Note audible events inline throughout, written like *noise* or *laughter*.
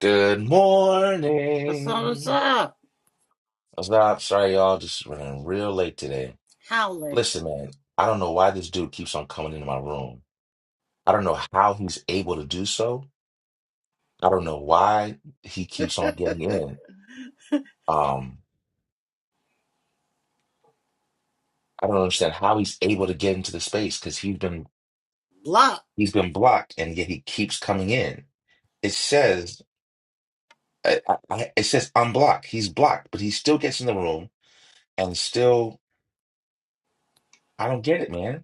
Good What's up? morning. I was not sorry, y'all. Just running real late today. How late? Listen, man, I don't know why this dude keeps on coming into my room. I don't know how he's able to do so. I don't know why he keeps on getting in. Um, I don't understand how he's able to get into the space because he's been Block. he's been blocked and yet he keeps coming in. It says I, I, I- it says unblock. He's blocked, but he still gets in the room and still I don't get it, man.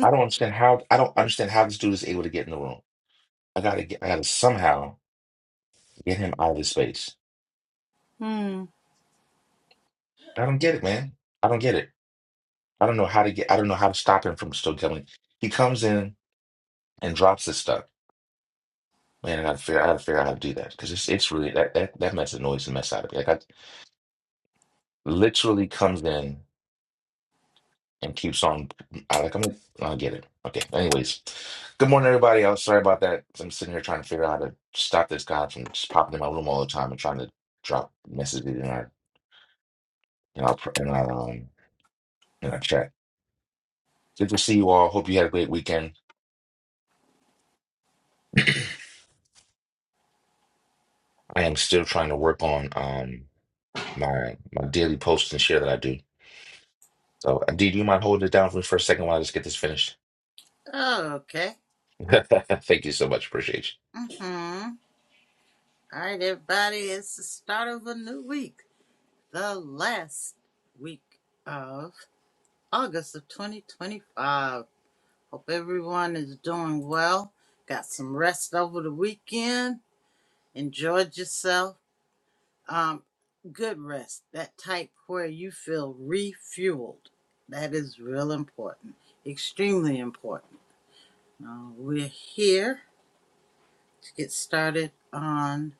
I don't understand how I don't understand how this dude is able to get in the room. I gotta get I gotta somehow get him out of this space. Hmm. I don't get it, man. I don't get it. I don't know how to get I don't know how to stop him from still coming. He comes in and drops this stuff. Man, I gotta figure I gotta figure out how to do that. Because it's it's really that that that mess annoys the mess out of me. Like I literally comes in and keeps on I like I'm like, I'll get it. Okay. Anyways. Good morning everybody. I'm sorry about that. I'm sitting here trying to figure out how to stop this guy from just popping in my room all the time and trying to drop messages in our in our pr- in our um in our chat. Good to see you all. Hope you had a great weekend. I am still trying to work on um my my daily post and share that I do. So, D, do you mind holding it down for me for a second while I just get this finished? Oh, okay. *laughs* Thank you so much. Appreciate you. Mm-hmm. All right, everybody. It's the start of a new week. The last week of August of 2025. Hope everyone is doing well. Got some rest over the weekend. Enjoyed yourself. Um, good rest. That type where you feel refueled. That is real important. Extremely important. Uh, we're here. get started on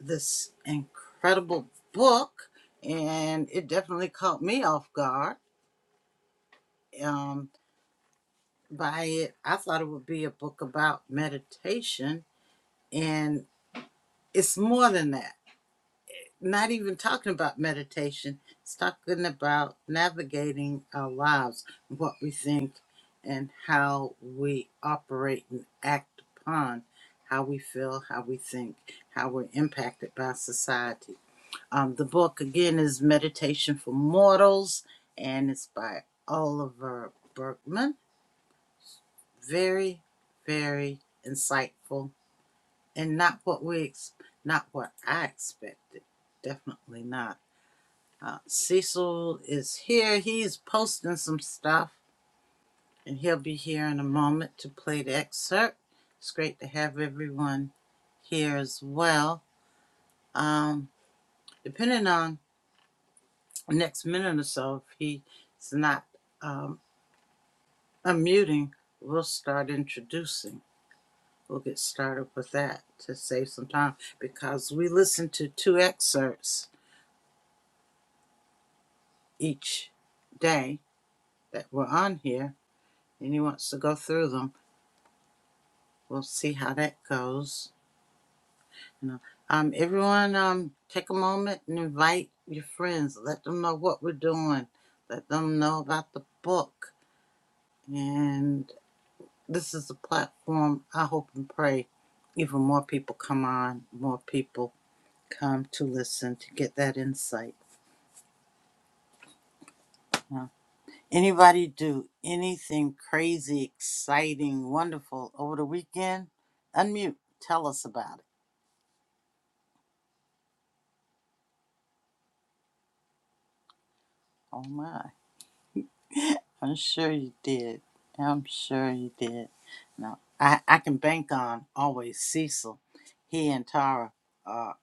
this incredible book, and it definitely caught me off guard um, by it. I thought it would be a book about meditation, and it's more than that. Not even talking about meditation, it's talking about navigating our lives, what we think, and how we operate and act upon how we feel, how we think, how we're impacted by society Um, the book again is Meditation for Mortals, and it's by Oliver Berkman. Very, very insightful, and not what we not what I expected. Definitely not. Uh, Cecil is here. He's posting some stuff, and he'll be here in a moment to play the excerpt. It's great to have everyone here as well. Um, depending on the next minute or so, if he's not. Um, I'm muting. We'll start introducing. We'll get started with that to save some time because we listen to two excerpts each day that were on here and he wants to go through them. We'll see how that goes. You know, um, everyone, um, take a moment and invite your friends. Let them know what we're doing. Let them know about the book. And this is a platform I hope and pray even more people come on, more people come to listen to get that insight. Wow. Anybody do anything crazy, exciting, wonderful over the weekend? Unmute. Tell us about it. Oh my. I'm sure you did. I'm sure you did. No, I, I can bank on always Cecil. He and Tara are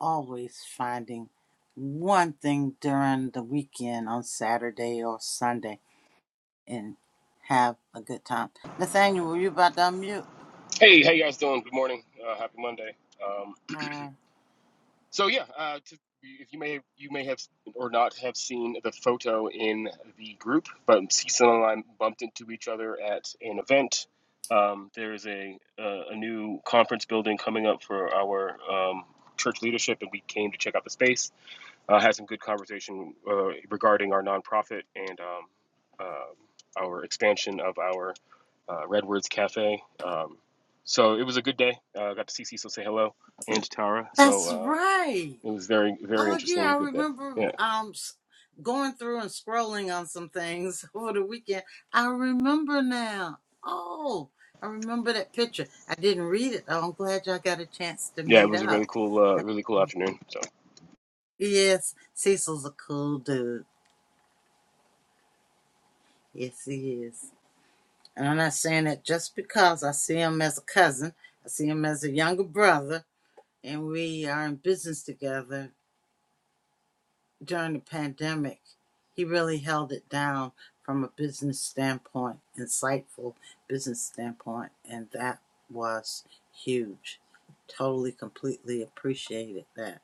always finding one thing during the weekend on Saturday or Sunday and have a good time. Nathaniel, were you about to unmute? Hey, how you guys doing? Good morning. Uh, happy Monday. Um, Uh, so yeah, uh, to, if you may you may have or not have seen the photo in the group, but Cecil and I bumped into each other at an event. Um, there is a, a a new conference building coming up for our um, church leadership, and we came to check out the space uh, had some good conversation uh, regarding our nonprofit and um, uh, our expansion of our uh, Redwoods Cafe. Um, so it was a good day. I uh, got to see Cecil say hello and Tara. So That's uh, right. it was very very Oh interesting. yeah, I Good day. remember Yeah, um s- going through and scrolling on some things *laughs* over the weekend. I remember now. Oh, I remember that picture. I didn't read it though. I'm glad y'all got a chance to yeah. It meet was a really up. cool uh, Uh, really cool afternoon. So Yes, Cecil's a cool dude. Yes, he is. And I'm not saying that just because I see him as a cousin, I see him as a younger brother, and we are in business together during the pandemic, he really held it down from a business standpoint, insightful business standpoint, and that was huge. Totally, completely appreciated that.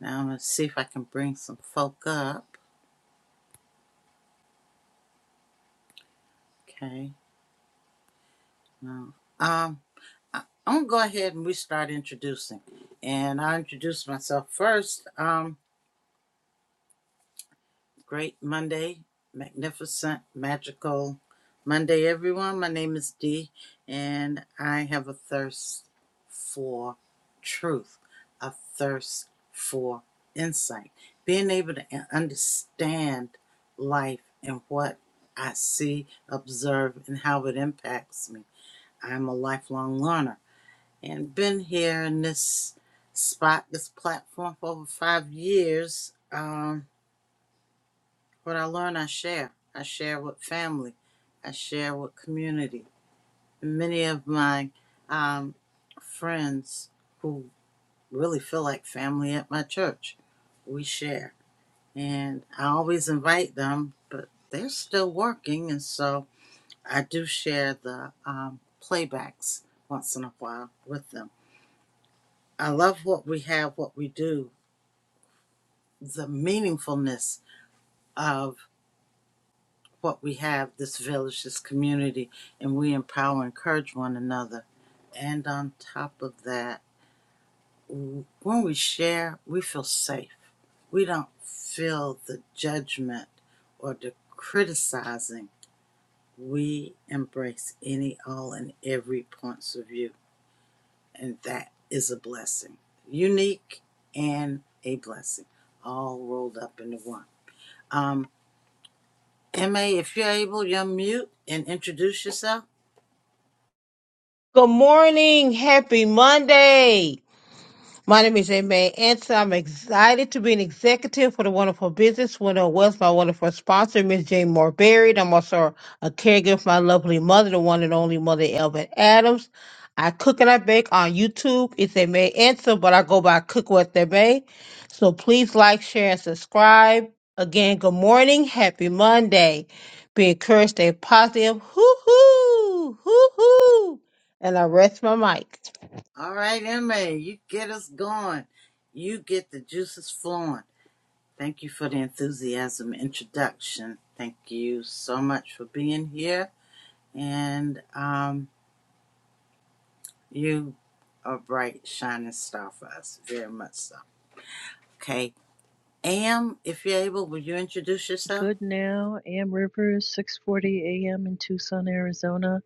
Now I'm gonna see if I can bring some folk up. Okay, no. Um, I- am gonna go ahead and we start introducing, and I will introduce myself first. Um, Great Monday, magnificent, magical Monday, everyone. My name is Dee, and I have a thirst for truth, a thirst for insight, being able to understand life and what I see, observe, and how it impacts me. I'm a lifelong learner and been here in this spot, this platform for over five years. Um, what I learn, I share. I share with family. I share with community. Many of my um, friends who really feel like family at my church, we share. And I always invite them, but they're still working. And so I do share the um, playbacks once in a while with them. I love what we have, what we do, the meaningfulness of what we have, this village, this community, and we empower and encourage one another. And on top of that, when we share, we feel safe. We don't feel the judgment or the criticizing. We embrace any, all, and every points of view, and that is a blessing. Unique and a blessing, all rolled up into one. Um, MA, if you're able, you mute and introduce yourself. Good morning. Happy Monday. My name is May Anson. I'm excited to be an executive for the Wonderful Business Winner of Wealth, my wonderful sponsor, Miss Jane Moore Berry. I'm also a caregiver for my lovely mother, the one and only mother, Elvin Adams. I cook and I bake on YouTube. It's a May Anson, but I go by Cook What They May. So please like, share, and subscribe. Again, good morning. Happy Monday. Be encouraged, stay positive. Hoo hoo! Hoo hoo! And I rest my mic. All right, Emma, you get us going. You get the juices flowing. Thank you for the enthusiasm introduction. Thank you so much for being here. And um, you are a bright, shining star for us, very much so. Okay. Am, if you're able, will you introduce yourself? Good now, Am Rivers, 6:40 a.m. in Tucson, Arizona.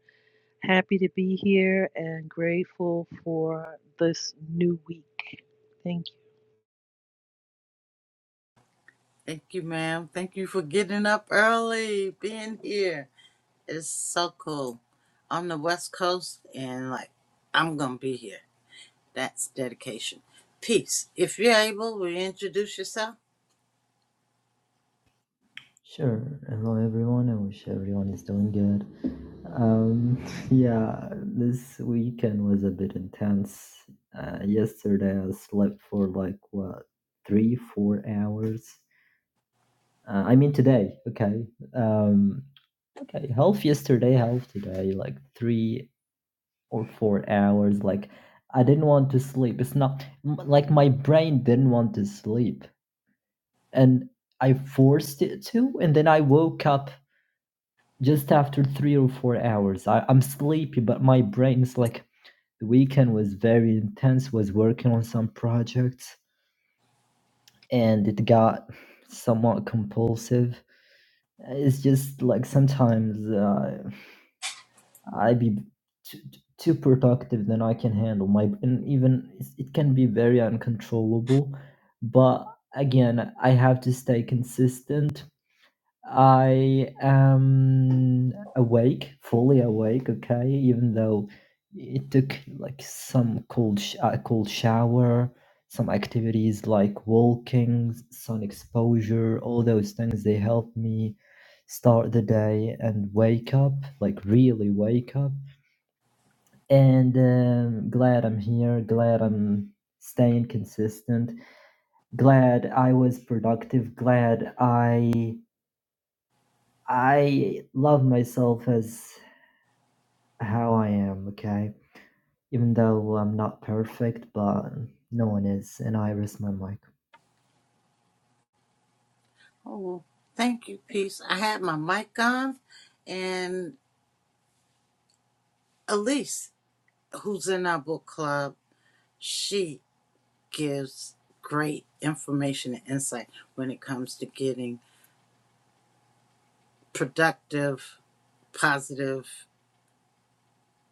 Happy to be here and grateful for this new week. Thank you. Thank you, ma'am. Thank you for getting up early, being here. It's so cool. I'm the West Coast, and like, I'm going to be here. That's dedication. Peace. If you're able, will you introduce yourself? Sure. Hello, everyone. I wish everyone is doing good. Um, *laughs* yeah, this weekend was a bit intense. Uh, yesterday, I slept for like what three, four hours. Uh, I mean today. Okay. Um, okay. Health yesterday, health today. Like three or four hours. Like I didn't want to sleep. It's not m- like my brain didn't want to sleep, and I forced it to, and then I woke up just after three or four hours. I, I'm sleepy, but my brain is like the weekend was very intense, was working on some projects and it got somewhat compulsive. It's just like sometimes uh, I be too, too productive than I can handle. My and even it can be very uncontrollable, but again, I have to stay consistent I am awake, fully awake, okay, even though it took like some cold sh- a cold shower, some activities like walking, sun exposure, all those things they help me start the day and wake up, like really wake up. And um, glad I'm here, glad I'm staying consistent, glad I was productive, glad I I love myself as how I am, okay? Even though I'm not perfect, but no one is, and I risk my mic. Oh, thank you, Peace. I had my mic on, and Elise, who's in our book club, she gives great information and insight when it comes to getting productive, positive,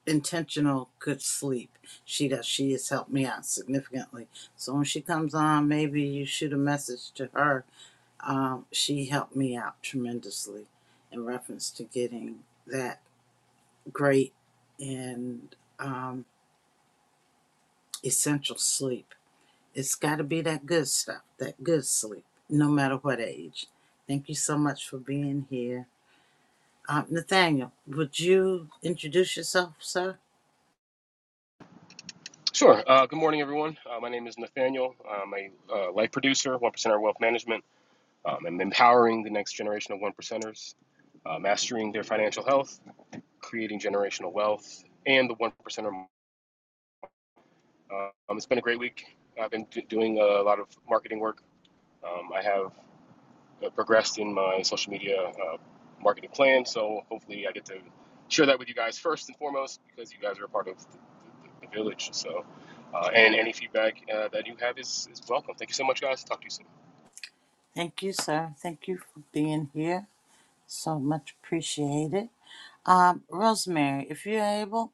intentional, good sleep. She does. She has helped me out significantly. So when she comes on, maybe you shoot a message to her Um, she helped me out tremendously in reference to getting that great and um, essential sleep. It's got to be that good stuff, that good sleep, no matter what age. Thank you so much for being here. Uh, Nathaniel, would you introduce yourself, sir? sure. Uh, good morning, everyone. Uh, my name is Nathaniel. I'm a uh, life producer, one percenter wealth management. Um, I'm empowering the next generation of one percenters, uh, mastering their financial health creating generational wealth, and the one percenter. Um, it's been a great week. I've been do- doing a lot of marketing work. Um, I have uh, progressed in my social media uh, marketing plan, so hopefully I get to share that with you guys first and foremost because you guys are a part of the, the, the village. So, uh, and any feedback uh, that you have is, is welcome. Thank you so much, guys. Talk to you soon. Thank you, sir. Thank you for being here. So much appreciated. Um, Rosemary, if you're able,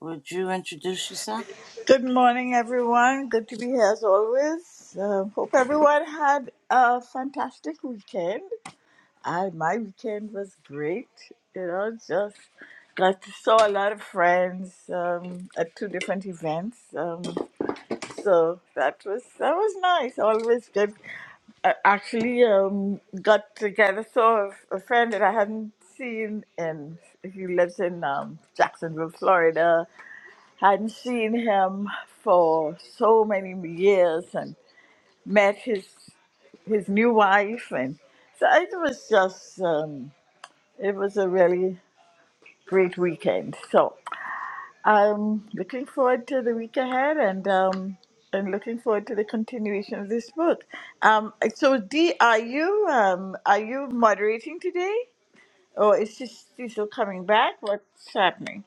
would you introduce yourself? Good morning, everyone. Good to be here as always. Uh, hope everyone had a fantastic weekend. I my weekend was great. You know, just got to saw a lot of friends um, at two different events. Um, so that was that was nice. Always good. I actually um, got together saw a friend that I hadn't seen, and he lives in um, Jacksonville, Florida hadn't seen him for so many years and met his his new wife and so it was just um, it was a really great weekend so i'm looking forward to the week ahead and um and looking forward to the continuation of this book um so dee are you um are you moderating today or is she still coming back what's happening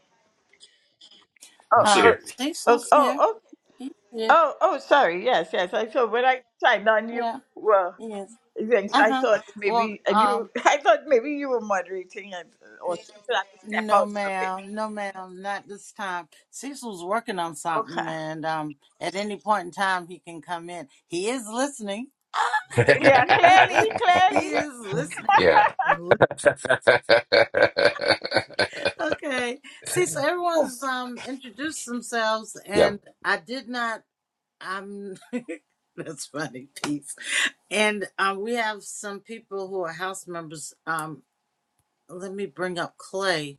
oh I'm still oh Um, here. oh, Cecil's here. oh He's here. Oh, oh, sorry. Yes, yes. I saw when I signed on you. Yeah. Well, Yes. yes, I Uh-huh. thought Well, maybe, and you, um, *laughs* I thought maybe you were moderating, and or something. I could step no out of it. ma'am, no ma'am, not this time. Cecil's working on something Okay. and um at any point in time he can come in. He is listening. *laughs* he Yeah, clearly, clearly. is *laughs* listening. yeah. *laughs* Okay. Cecil, everyone's um introduced themselves yeah. and I did not um *laughs* that's funny, peace. And um we have some people who are house members. Um let me bring up Clay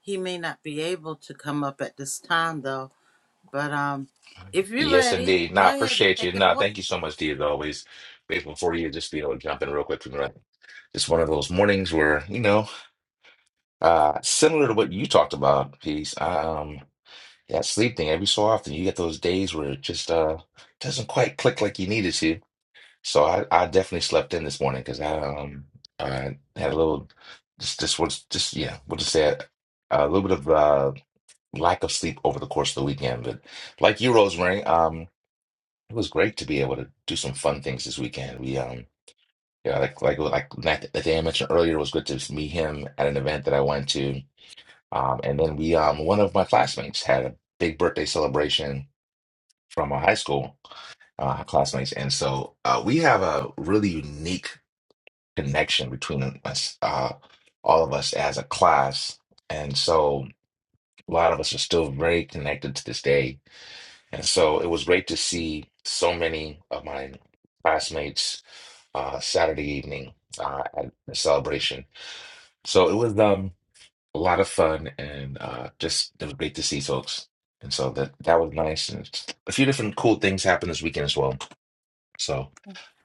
He may not be able to come up at this time, though. But um, if you're Yes, ready, indeed. go Nah, ahead and appreciate take you. it Nah, away. thank you so much, D, as always. Grateful for you. Just, you know, jump in real quick. from the Right, It's one of those mornings where, you know. Uh, similar to what you talked about, Peace. Um, that sleep thing, every so often you get those days where it just uh doesn't quite click like you need it to. So I, I definitely slept in this morning because I um I had a little just just was just yeah, we'll just say a, a little bit of uh lack of sleep over the course of the weekend. But like you, Rosemary, um it was great to be able to do some fun things this weekend. We um yeah, like like like Nath- Nathaniel mentioned earlier, it was good to meet him at an event that I went to um, and then we, um, one of my classmates had a big birthday celebration from our high school uh, classmates, and so uh, we have a really unique connection between us, uh, all of us as a class, and so a lot of us are still very connected to this day. And so it was great to see so many of my classmates uh, Saturday evening uh, at the celebration. So it was um a lot of fun and uh, just it was great to see folks. And so that that was nice. And a few different cool things happened this weekend as well. So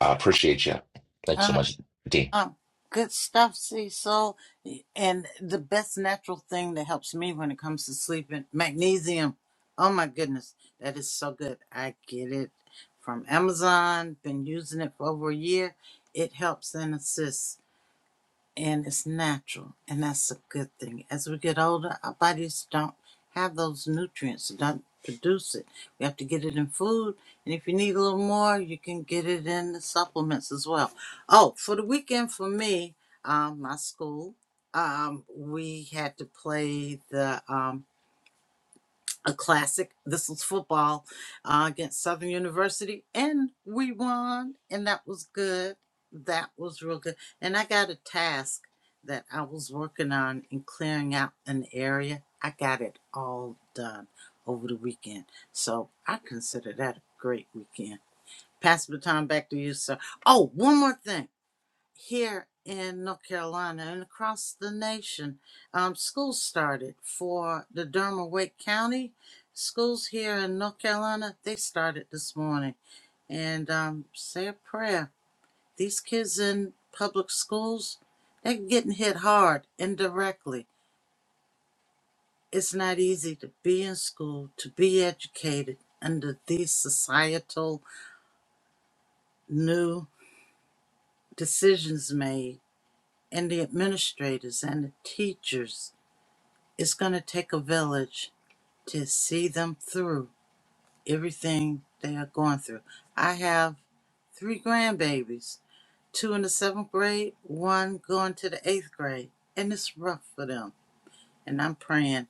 I appreciate you. Thanks so Uh, much, D. uh, good stuff, Cecil. And the best natural thing that helps me when it comes to sleeping, magnesium. Oh my goodness, that is so good. I get it from Amazon. Been using it for over a year. It helps and assists. and it's natural, and that's a good thing. As we get older, our bodies don't have those nutrients, don't produce it. We have to get it in food, and if you need a little more, you can get it in the supplements as well. Oh, for the weekend for me, um, my school, um, we had to play the um a classic. This was football uh, against Southern University, and we won, and that was good. That was real good. And I got a task that I was working on in clearing out an area. I got it all done over the weekend, so I consider that a great weekend. Pass the time back to you, sir. Oh, one more thing here in North Carolina and across the nation, um, schools started for the Derma Wake County schools here in North Carolina. They started this morning, and um, say a prayer. These kids in public schools, they're getting hit hard indirectly. It's not easy to be in school, to be educated under these societal new decisions made, and the administrators and the teachers it's going to take a village to see them through everything they are going through. I have three grandbabies, two in the seventh grade, one going to the eighth grade, and it's rough for them. And I'm praying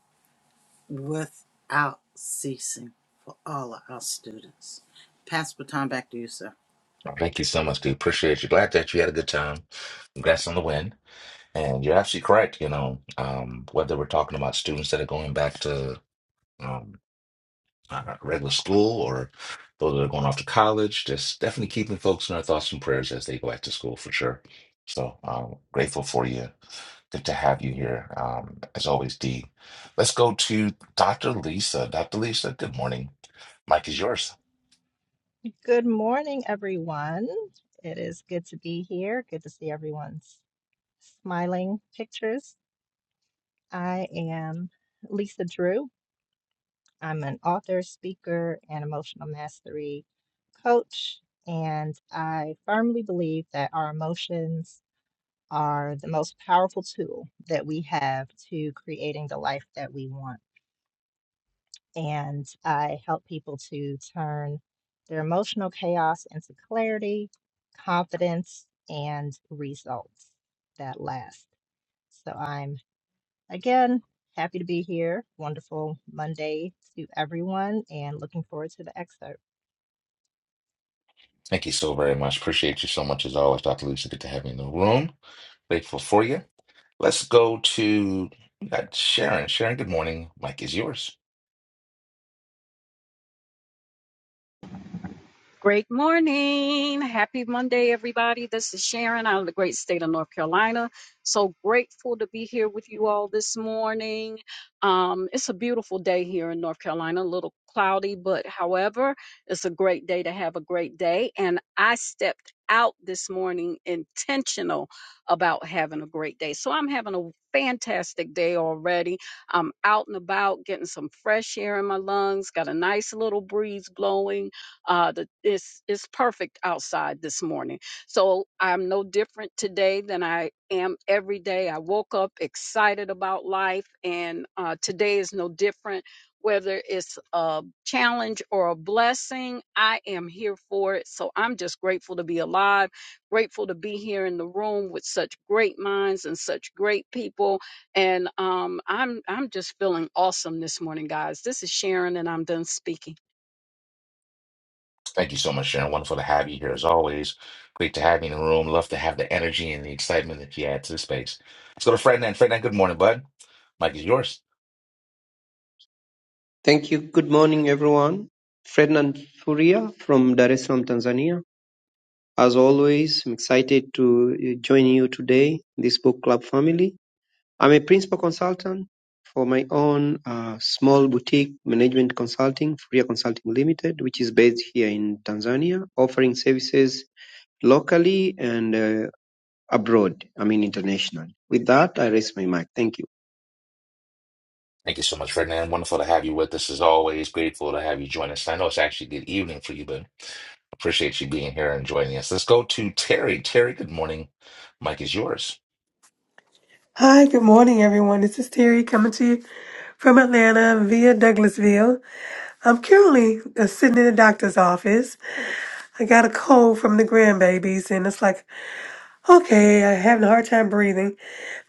without ceasing for all of our students. Pass the baton back to you, sir. Thank you so much, D. Appreciate you. Glad that you had a good time. Congrats on the win. And you're absolutely correct. You know, um, whether we're talking about students that are going back to um, uh, regular school or those that are going off to college. Just definitely keeping folks in our thoughts and prayers as they go back to school for sure. So um, grateful for you. Good to have you here, um, as always, Dee. Let's go to Dr. Lisa. Dr. Lisa, good morning. Mike is yours. Good morning, everyone. It is good to be here. Good to see everyone's smiling pictures. I am Lisa Drew. I'm an author, speaker, and emotional mastery coach. And I firmly believe that our emotions are the most powerful tool that we have to creating the life that we want. and I help people to turn their emotional chaos into clarity, confidence, and results that last. So I'm again happy to be here. Wonderful Monday to everyone, and looking forward to the excerpt. Thank you so very much. Appreciate you so much as always, Dr. Lisa. Good to have you in the room. Grateful for you. Let's go to we got Sharon. Sharon, good morning. Mike is yours. Great morning. Happy Monday, everybody. This is Sharon out of the great state of North Carolina. So grateful to be here with you all this morning. Um, it's a beautiful day here in North Carolina, a little cloudy, but however, it's a great day to have a great day. And I stepped out this morning intentional about having a great day. So I'm having a fantastic day already. I'm out and about getting some fresh air in my lungs, got a nice little breeze blowing uh the it's it's perfect outside this morning so i'm no different today than i am every day i woke up excited about life and uh today is no different whether it's a challenge or a blessing i am here for it so i'm just grateful to be alive grateful to be here in the room with such great minds and such great people and um i'm i'm just feeling awesome this morning guys this is sharon and i'm done speaking Thank you so much, Sharon. Wonderful to have you here as always. Great to have you in the room. Love to have the energy and the excitement that you add to the space. Let's go to Ferdinand. Ferdinand, good morning, bud. Mike is yours. Thank you. Good morning, everyone. Ferdinand Furia from Dar es Salaam, Tanzania. As always, I'm excited to uh, join you today, in this book club family. I'm a principal consultant for my own uh, small boutique management consulting, Furia Consulting Limited, which is based here in Tanzania, offering services locally and uh, abroad, I mean internationally. With that, I raise my mic. Thank you. Thank you so much, Ferdinand. Wonderful to have you with us as always. Grateful to have you join us. I know it's actually good evening for you, but appreciate you being here and joining us. Let's go to Terry. Terry, good morning. Mike is yours. Hi, good morning, everyone. This is Terry coming to you from Atlanta via Douglasville. I'm currently uh, sitting in the doctor's office. I got a cold from the grandbabies, and it's like, okay, I'm having a hard time breathing,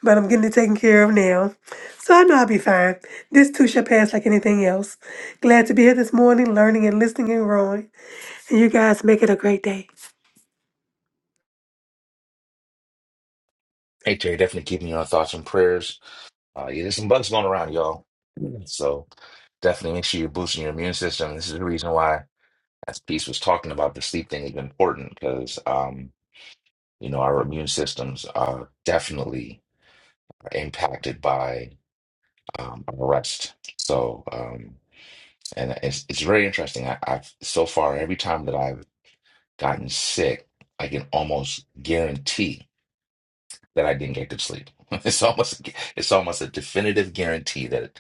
but I'm getting it taken care of now. So I know I'll be fine. This too shall pass like anything else. Glad to be here this morning, learning and listening and growing. And you guys make it a great day. Hey, Terry, definitely keeping your thoughts and prayers. Uh, yeah, there's some bugs going around, y'all. So definitely make sure you're boosting your immune system. This is the reason why. as Peace was talking about, the sleep thing is important because um, you know our immune systems are definitely impacted by um, our rest. So um, and it's it's very interesting. I, I've so far every time that I've gotten sick, I can almost guarantee that I didn't get good sleep. *laughs* It's almost it's almost a definitive guarantee that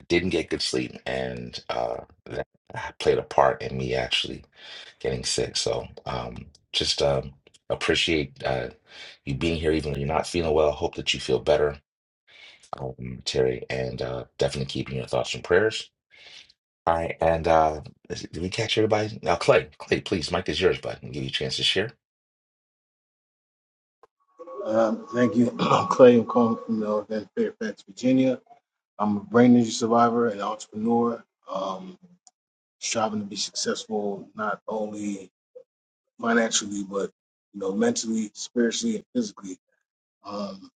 I didn't get good sleep, and uh, that played a part in me actually getting sick. So um, just um, appreciate uh, you being here, even when you're not feeling well. Hope that you feel better, um, Terry, and uh, definitely keeping your thoughts and prayers. All right, and uh, is- did we catch everybody? Now, Clay, Clay, please, Mike is yours, bud. i give you a chance to share. Um, thank you. *coughs* *clears throat* I'm Clay. I'm calling from Northern Fairfax, Virginia. I'm a brain injury survivor and entrepreneur, um, striving to be successful not only financially but you know mentally, spiritually, and physically. Um,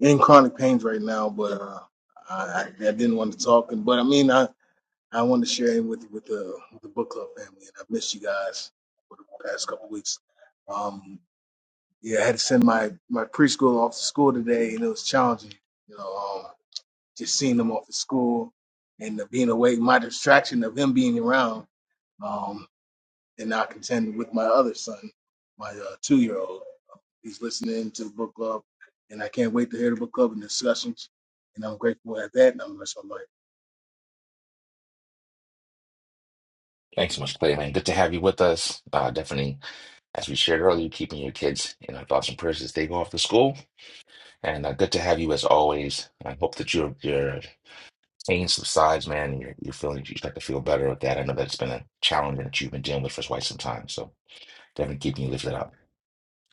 in chronic pains right now, but uh, I, I I didn't want to talk. And but I mean, I I wanted to share it with with the with the book club family, and i missed you guys for the past couple weeks. Um, yeah, I had to send my my preschool off to school today, and it was challenging. You know, um, just seeing them off to school and the being away, my distraction of him being around, um, and not contending with my other son, my uh, two year old. He's listening to the book club, and I can't wait to hear the book club and discussions. And I'm grateful at that. And I'm grateful. Thanks so much, Clay, man. Good to have you with us. Uh, definitely, as we shared earlier, keeping your kids in our thoughts and prayers as they go off to school. And uh, good to have you as always. I hope that you're, you're pain subsides, man, and you're, you're feeling you start to feel better with that. I know that's been a challenge that you've been dealing with for quite some time. So definitely keeping you lifted up.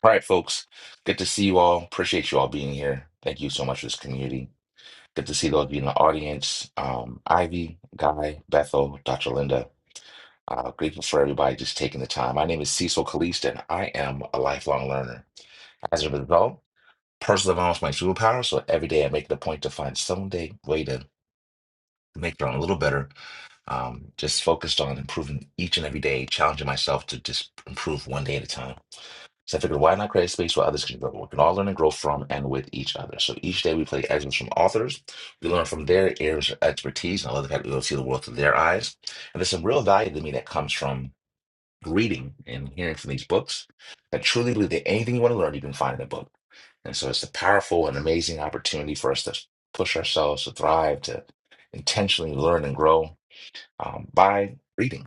All right, folks. Good to see you all. Appreciate you all being here. Thank you so much for this community. Good to see those of you in the audience. Um, Ivy, Guy, Bethel, Dr. Linda. Uh, grateful for everybody just taking the time. My name is Cecil Caliste, and I am a lifelong learner. As a result, personal development is my superpower. So every day I make it a point to find some day way to make their own a little better Um, just focused on improving each and every day, challenging myself to just improve one day at a time. So I figured, why not create a space where others can grow? We can all learn and grow from and with each other. So each day we play excerpts from authors. We learn from their areas of expertise. and I love the fact that we'll see the world through their eyes. And there's some real value to me that comes from reading and hearing from these books. I truly believe that anything you want to learn, you can find in a book. And so it's a powerful and amazing opportunity for us to push ourselves to thrive, to intentionally learn and grow um, by reading.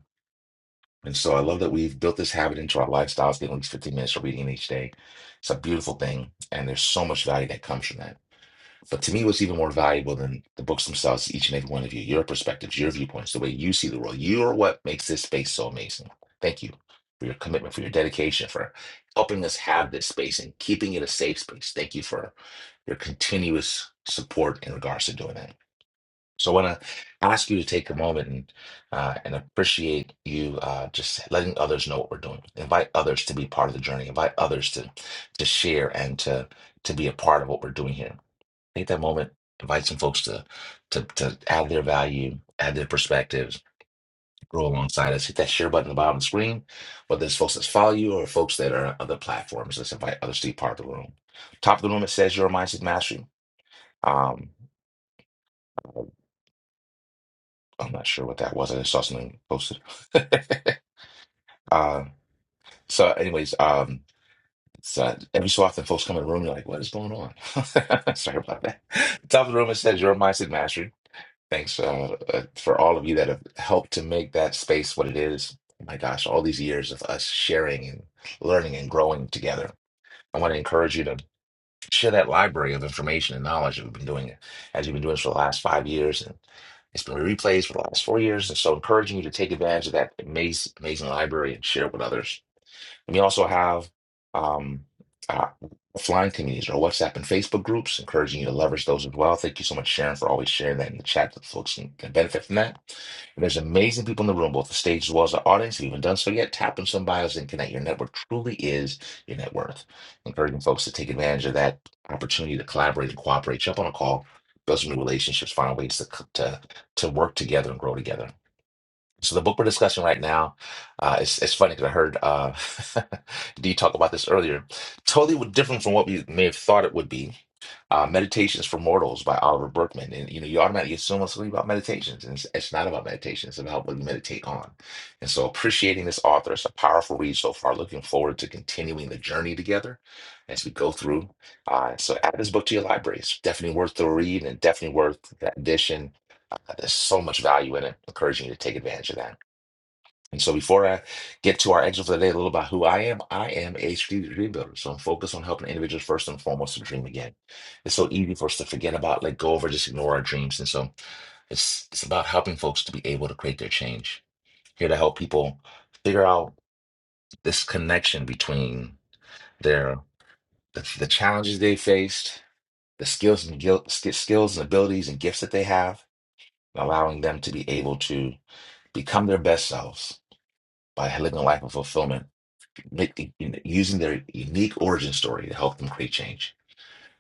And so I love that we've built this habit into our lifestyles, getting at least 15 minutes of reading each day. It's a beautiful thing. And there's so much value that comes from that. But to me, what's even more valuable than the books themselves, is each and every one of you, your perspectives, your viewpoints, the way you see the world, you are what makes this space so amazing. Thank you for your commitment, for your dedication, for helping us have this space and keeping it a safe space. Thank you for your continuous support in regards to doing that. So I want to ask you to take a moment and uh, and appreciate you uh, just letting others know what we're doing. Invite others to be part of the journey. Invite others to to share and to to be a part of what we're doing here. Take that moment. Invite some folks to to to add their value, add their perspectives, grow alongside us. Hit that share button at the bottom of the screen. Whether it's folks that follow you or folks that are on other platforms, let's invite others to be part of the room. Top of the room, it says your mindset mastery. Um, I'm not sure what that was. I just saw something posted. *laughs* uh, so, anyways, um, it's, uh, every so often folks come in the room you're like, what is going on? *laughs* Sorry about that. Top of the room, it says your mindset mastery. Thanks uh, uh, for all of you that have helped to make that space what it is. Oh My gosh, all these years of us sharing and learning and growing together. I want to encourage you to share that library of information and knowledge that we've been doing it as you've been doing this for the last five years and it's been replays for the last four years and so encouraging you to take advantage of that amazing, amazing library and share it with others and we also have um, uh, flying communities or WhatsApp and Facebook groups, encouraging you to leverage those as well. Thank you so much, Sharon, for always sharing that in the chat that folks can, can benefit from that. And there's amazing people in the room, both the stage as well as the audience. If you haven't done so yet, tap in some bios and connect. Your network truly is your net worth. Encouraging folks to take advantage of that opportunity to collaborate and cooperate, jump on a call, build some new relationships, find ways to, c- to, to work together and grow together. So the book we're discussing right now, uh, it's it's funny because I heard uh, *laughs* Dee talk about this earlier. Totally different from what we may have thought it would be. Uh, Meditations for Mortals by Oliver Berkman, and you know you automatically assume it's going to be about meditations, and it's, it's not about meditation. It's about what you meditate on. And so appreciating this author, it's a powerful read so far. Looking forward to continuing the journey together as we go through. Uh, so add this book to your library. It's definitely worth the read, and definitely worth that edition. There's so much value in it. Encouraging you to take advantage of that. And so before I get to our excerpt for the day, a little about who I am, I am a strategic dream builder. So I'm focused on helping individuals first and foremost to dream again. It's so easy for us to forget about, let go of, or just ignore our dreams. And so it's it's about helping folks to be able to create their change. Here to help people figure out this connection between their the, the challenges they faced, the skills and gil- sk- skills and abilities and gifts that they have, and allowing them to be able to become their best selves by living a life of fulfillment make, you know, using their unique origin story to help them create change.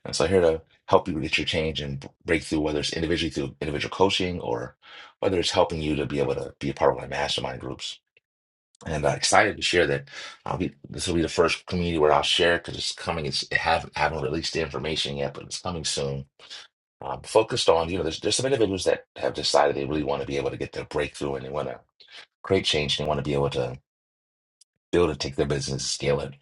And so I'm here to help you get your change and break through, whether it's individually through individual coaching or whether it's helping you to be able to be a part of my mastermind groups. And I'm excited to share that. I'll be this will be the first community where I'll share because it's coming. It's I haven't, I haven't released the information yet, but it's coming soon. Um, focused on you know, there's there's some individuals that have decided they really want to be able to get their breakthrough and they want to create change and they want to be able to build and take their business, scale it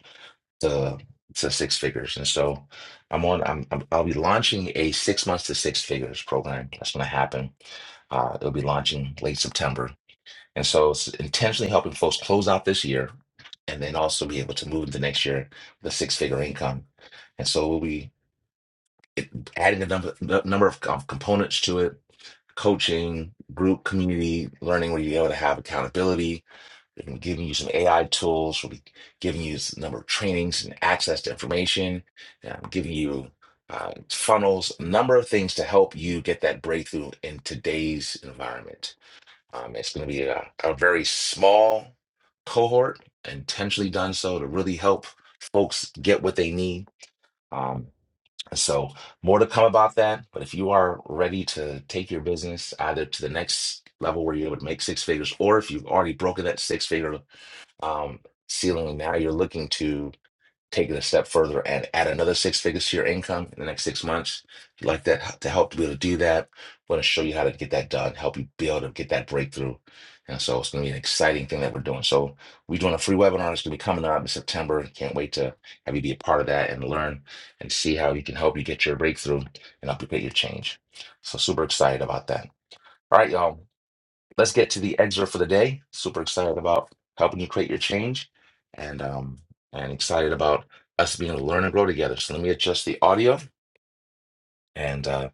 to to six figures. And so I'm on I'm, I'm I'll be launching a six months to six figures program. That's going to happen. Uh, it'll be launching late September. And so it's intentionally helping folks close out this year and then also be able to move into next year with a six figure income. And so we'll be adding a number n- number of com- components to it coaching, group, community, learning where you're able to have accountability We've been giving you some AI tools. We'll be giving you a number of trainings and access to information, um, giving you uh, funnels, a number of things to help you get that breakthrough in today's environment. Um, it's going to be a, a very small cohort, intentionally done so to really help folks get what they need. Um, and so, more to come about that. But if you are ready to take your business either to the next level where you're able to make six figures, or if you've already broken that six figure um, ceiling. Now you're looking to take it a step further and add another six figures to your income in the next six months. If you'd like that to help to be able to do that, we're going to show you how to get that done, help you be able to get that breakthrough. And so it's going to be an exciting thing that we're doing. So we're doing a free webinar. It's going to be coming up in September. Can't wait to have you be a part of that and learn and see how we can help you get your breakthrough and help you get your change. So super excited about that. All right, y'all. Let's get to the excerpt for the day. Super excited about helping you create your change and um and excited about us being able to learn and grow together. So let me adjust the audio and uh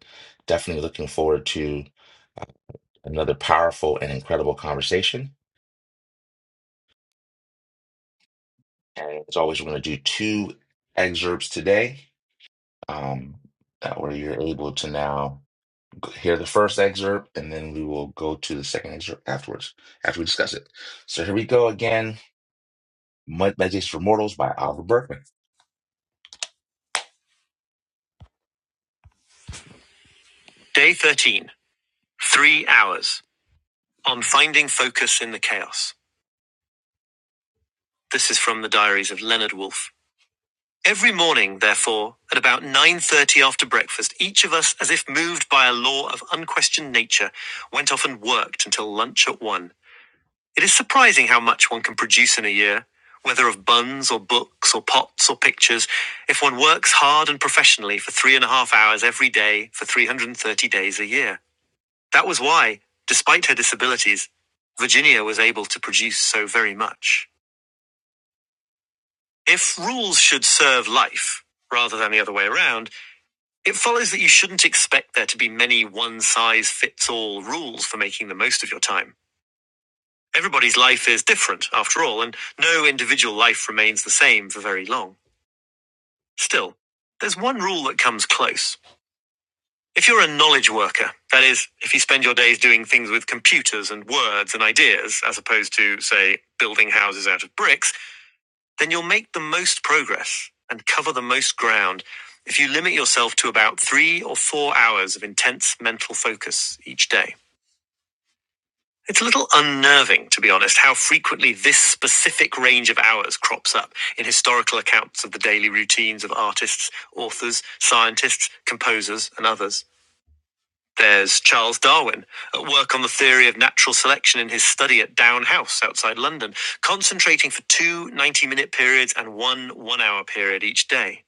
definitely looking forward to another powerful and incredible conversation. And as always, we're going to do two excerpts today. Um that where you're able to now hear the first excerpt and then we will go to the second excerpt afterwards after we discuss it. So here we go again. Med- Meditations for Mortals by Oliver Berkman. Day 13. Three hours. On finding focus in the chaos. This is from the diaries of Leonard Woolf. Every morning, therefore, at about 9.30 after breakfast, each of us, as if moved by a law of unquestioned nature, went off and worked until lunch at one. It is surprising how much one can produce in a year, whether of buns or books or pots or pictures, if one works hard and professionally for three and a half hours every day for 330 days a year. That was why, despite her disabilities, Virginia was able to produce so very much. If rules should serve life, rather than the other way around, it follows that you shouldn't expect there to be many one size fits all rules for making the most of your time. Everybody's life is different, after all, and no individual life remains the same for very long. Still, there's one rule that comes close If you're a knowledge worker, that is, if you spend your days doing things with computers and words and ideas, as opposed to, say, building houses out of bricks, then you'll make the most progress and cover the most ground if you limit yourself to about three or four hours of intense mental focus each day. It's a little unnerving, to be honest, how frequently this specific range of hours crops up in historical accounts of the daily routines of artists, authors, scientists, composers, and others. There's Charles Darwin, at work on the theory of natural selection in his study at Down House outside London, concentrating for two minute periods and one one hour period each day.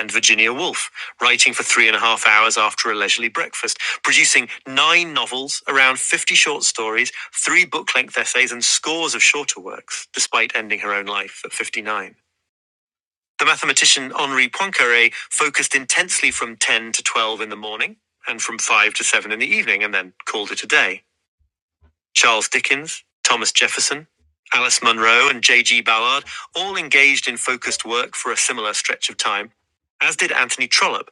And Virginia Woolf, writing for three and a half hours after a leisurely breakfast, producing nine novels, around 50 short stories, three book length essays, and scores of shorter works, despite ending her own life at 59. The mathematician Henri Poincaré focused intensely from 10 to 12 in the morning and from 5 to 7 in the evening and then called it a day. Charles Dickens, Thomas Jefferson, Alice Munro, and J.G. Ballard all engaged in focused work for a similar stretch of time, as did Anthony Trollope,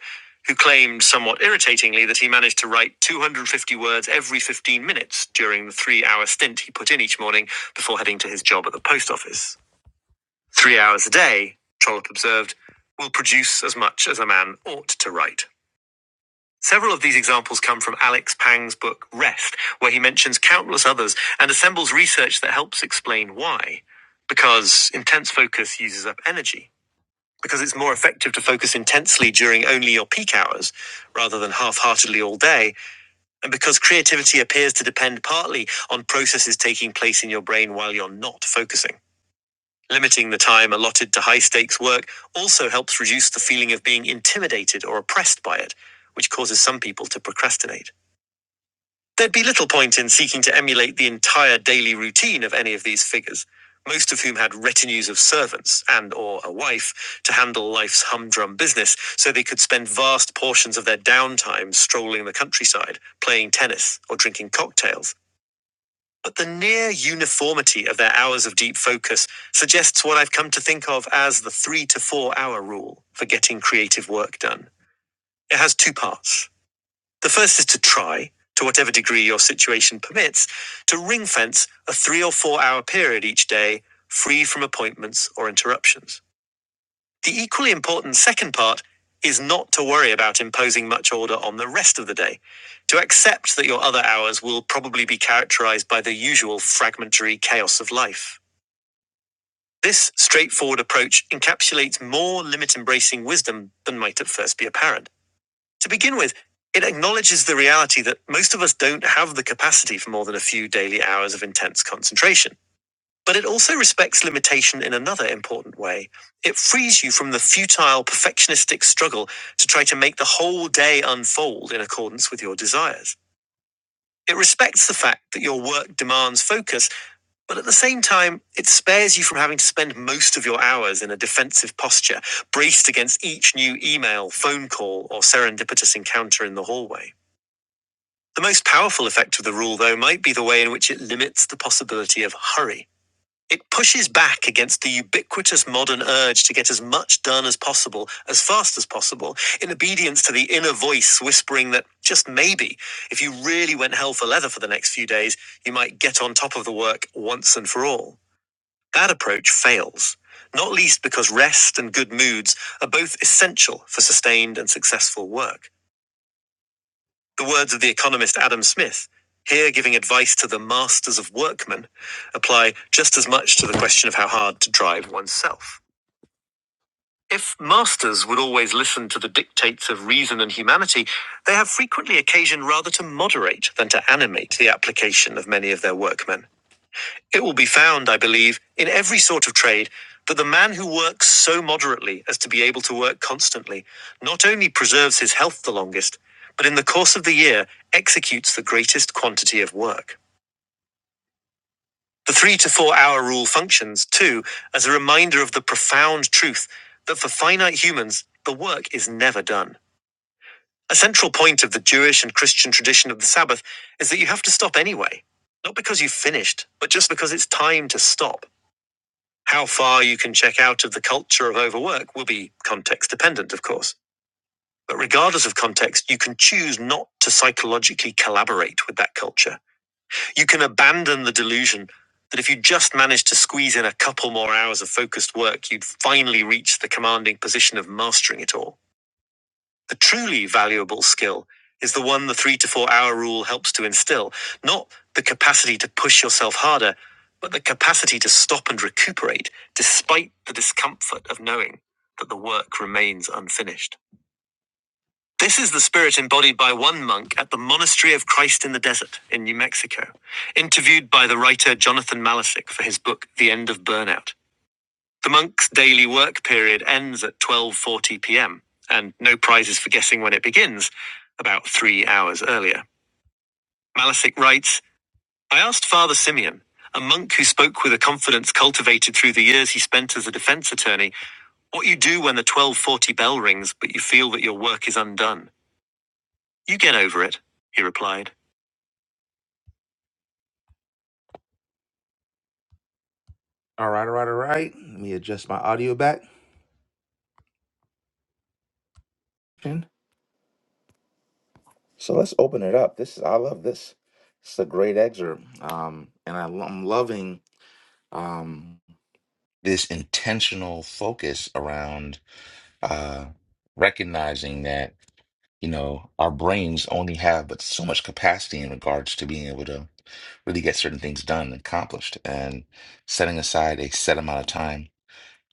who claimed somewhat irritatingly that he managed to write 250 words every 15 minutes during the three hour stint he put in each morning before heading to his job at the post office. Three hours a day, Trollope observed, will produce as much as a man ought to write. Several of these examples come from Alex Pang's book Rest, where he mentions countless others and assembles research that helps explain why. Because intense focus uses up energy. Because it's more effective to focus intensely during only your peak hours rather than half heartedly all day. And because creativity appears to depend partly on processes taking place in your brain while you're not focusing. Limiting the time allotted to high stakes work also helps reduce the feeling of being intimidated or oppressed by it, which causes some people to procrastinate. There'd be little point in seeking to emulate the entire daily routine of any of these figures, most of whom had retinues of servants and or a wife to handle life's humdrum business, so they could spend vast portions of their downtime strolling the countryside, playing tennis, or drinking cocktails but the near uniformity of their hours of deep focus suggests what I've come to think of as the three to four hour rule for getting creative work done. It has two parts. The first is to try, to whatever degree your situation permits, to ring fence a three or four hour period each day free from appointments or interruptions. The equally important second part is not to worry about imposing much order on the rest of the day, to accept that your other hours will probably be characterized by the usual fragmentary chaos of life. This straightforward approach encapsulates more limit embracing wisdom than might at first be apparent. To begin with, it acknowledges the reality that most of us don't have the capacity for more than a few daily hours of intense concentration. But it also respects limitation in another important way. It frees you from the futile, perfectionistic struggle to try to make the whole day unfold in accordance with your desires. It respects the fact that your work demands focus, but at the same time, it spares you from having to spend most of your hours in a defensive posture, braced against each new email, phone call, or serendipitous encounter in the hallway. The most powerful effect of the rule, though, might be the way in which it limits the possibility of hurry. It pushes back against the ubiquitous modern urge to get as much done as possible, as fast as possible, in obedience to the inner voice whispering that just maybe, if you really went hell for leather for the next few days, you might get on top of the work once and for all. That approach fails, not least because rest and good moods are both essential for sustained and successful work. The words of the economist Adam Smith, here giving advice to the masters of workmen, apply just as much to the question of how hard to drive oneself. If masters would always listen to the dictates of reason and humanity, they have frequently occasion rather to moderate than to animate the application of many of their workmen. It will be found, I believe, in every sort of trade, that the man who works so moderately as to be able to work constantly not only preserves his health the longest, but in the course of the year executes the greatest quantity of work. The three to four hour rule functions, too, as a reminder of the profound truth that for finite humans, the work is never done. A central point of the Jewish and Christian tradition of the Sabbath is that you have to stop anyway. Not because you've finished, but just because it's time to stop. How far you can check out of the culture of overwork will be context dependent, of course. But regardless of context, you can choose not to psychologically collaborate with that culture. You can abandon the delusion that if you just managed to squeeze in a couple more hours of focused work, you'd finally reach the commanding position of mastering it all. A truly valuable skill is the one the three to four hour rule helps to instill, not the capacity to push yourself harder, but the capacity to stop and recuperate despite the discomfort of knowing that the work remains unfinished. This is the spirit embodied by one monk at the Monastery of Christ in the Desert in New Mexico, interviewed by the writer Jonathan Malisic for his book The End of Burnout. The monk's daily work period ends at 12:40 p.m. and no prizes for guessing when it begins, about 3 hours earlier. Malasic writes, I asked Father Simeon, a monk who spoke with a confidence cultivated through the years he spent as a defense attorney, what you do when the 12:40 bell rings but you feel that your work is undone. You get over it, he replied. All right, all right, all right. Let me adjust my audio back. So let's open it up. This is I love this. It's a great excerpt, um, and I, I'm loving. um, this intentional focus around uh, recognizing that you know our brains only have but so much capacity in regards to being able to really get certain things done and accomplished and setting aside a set amount of time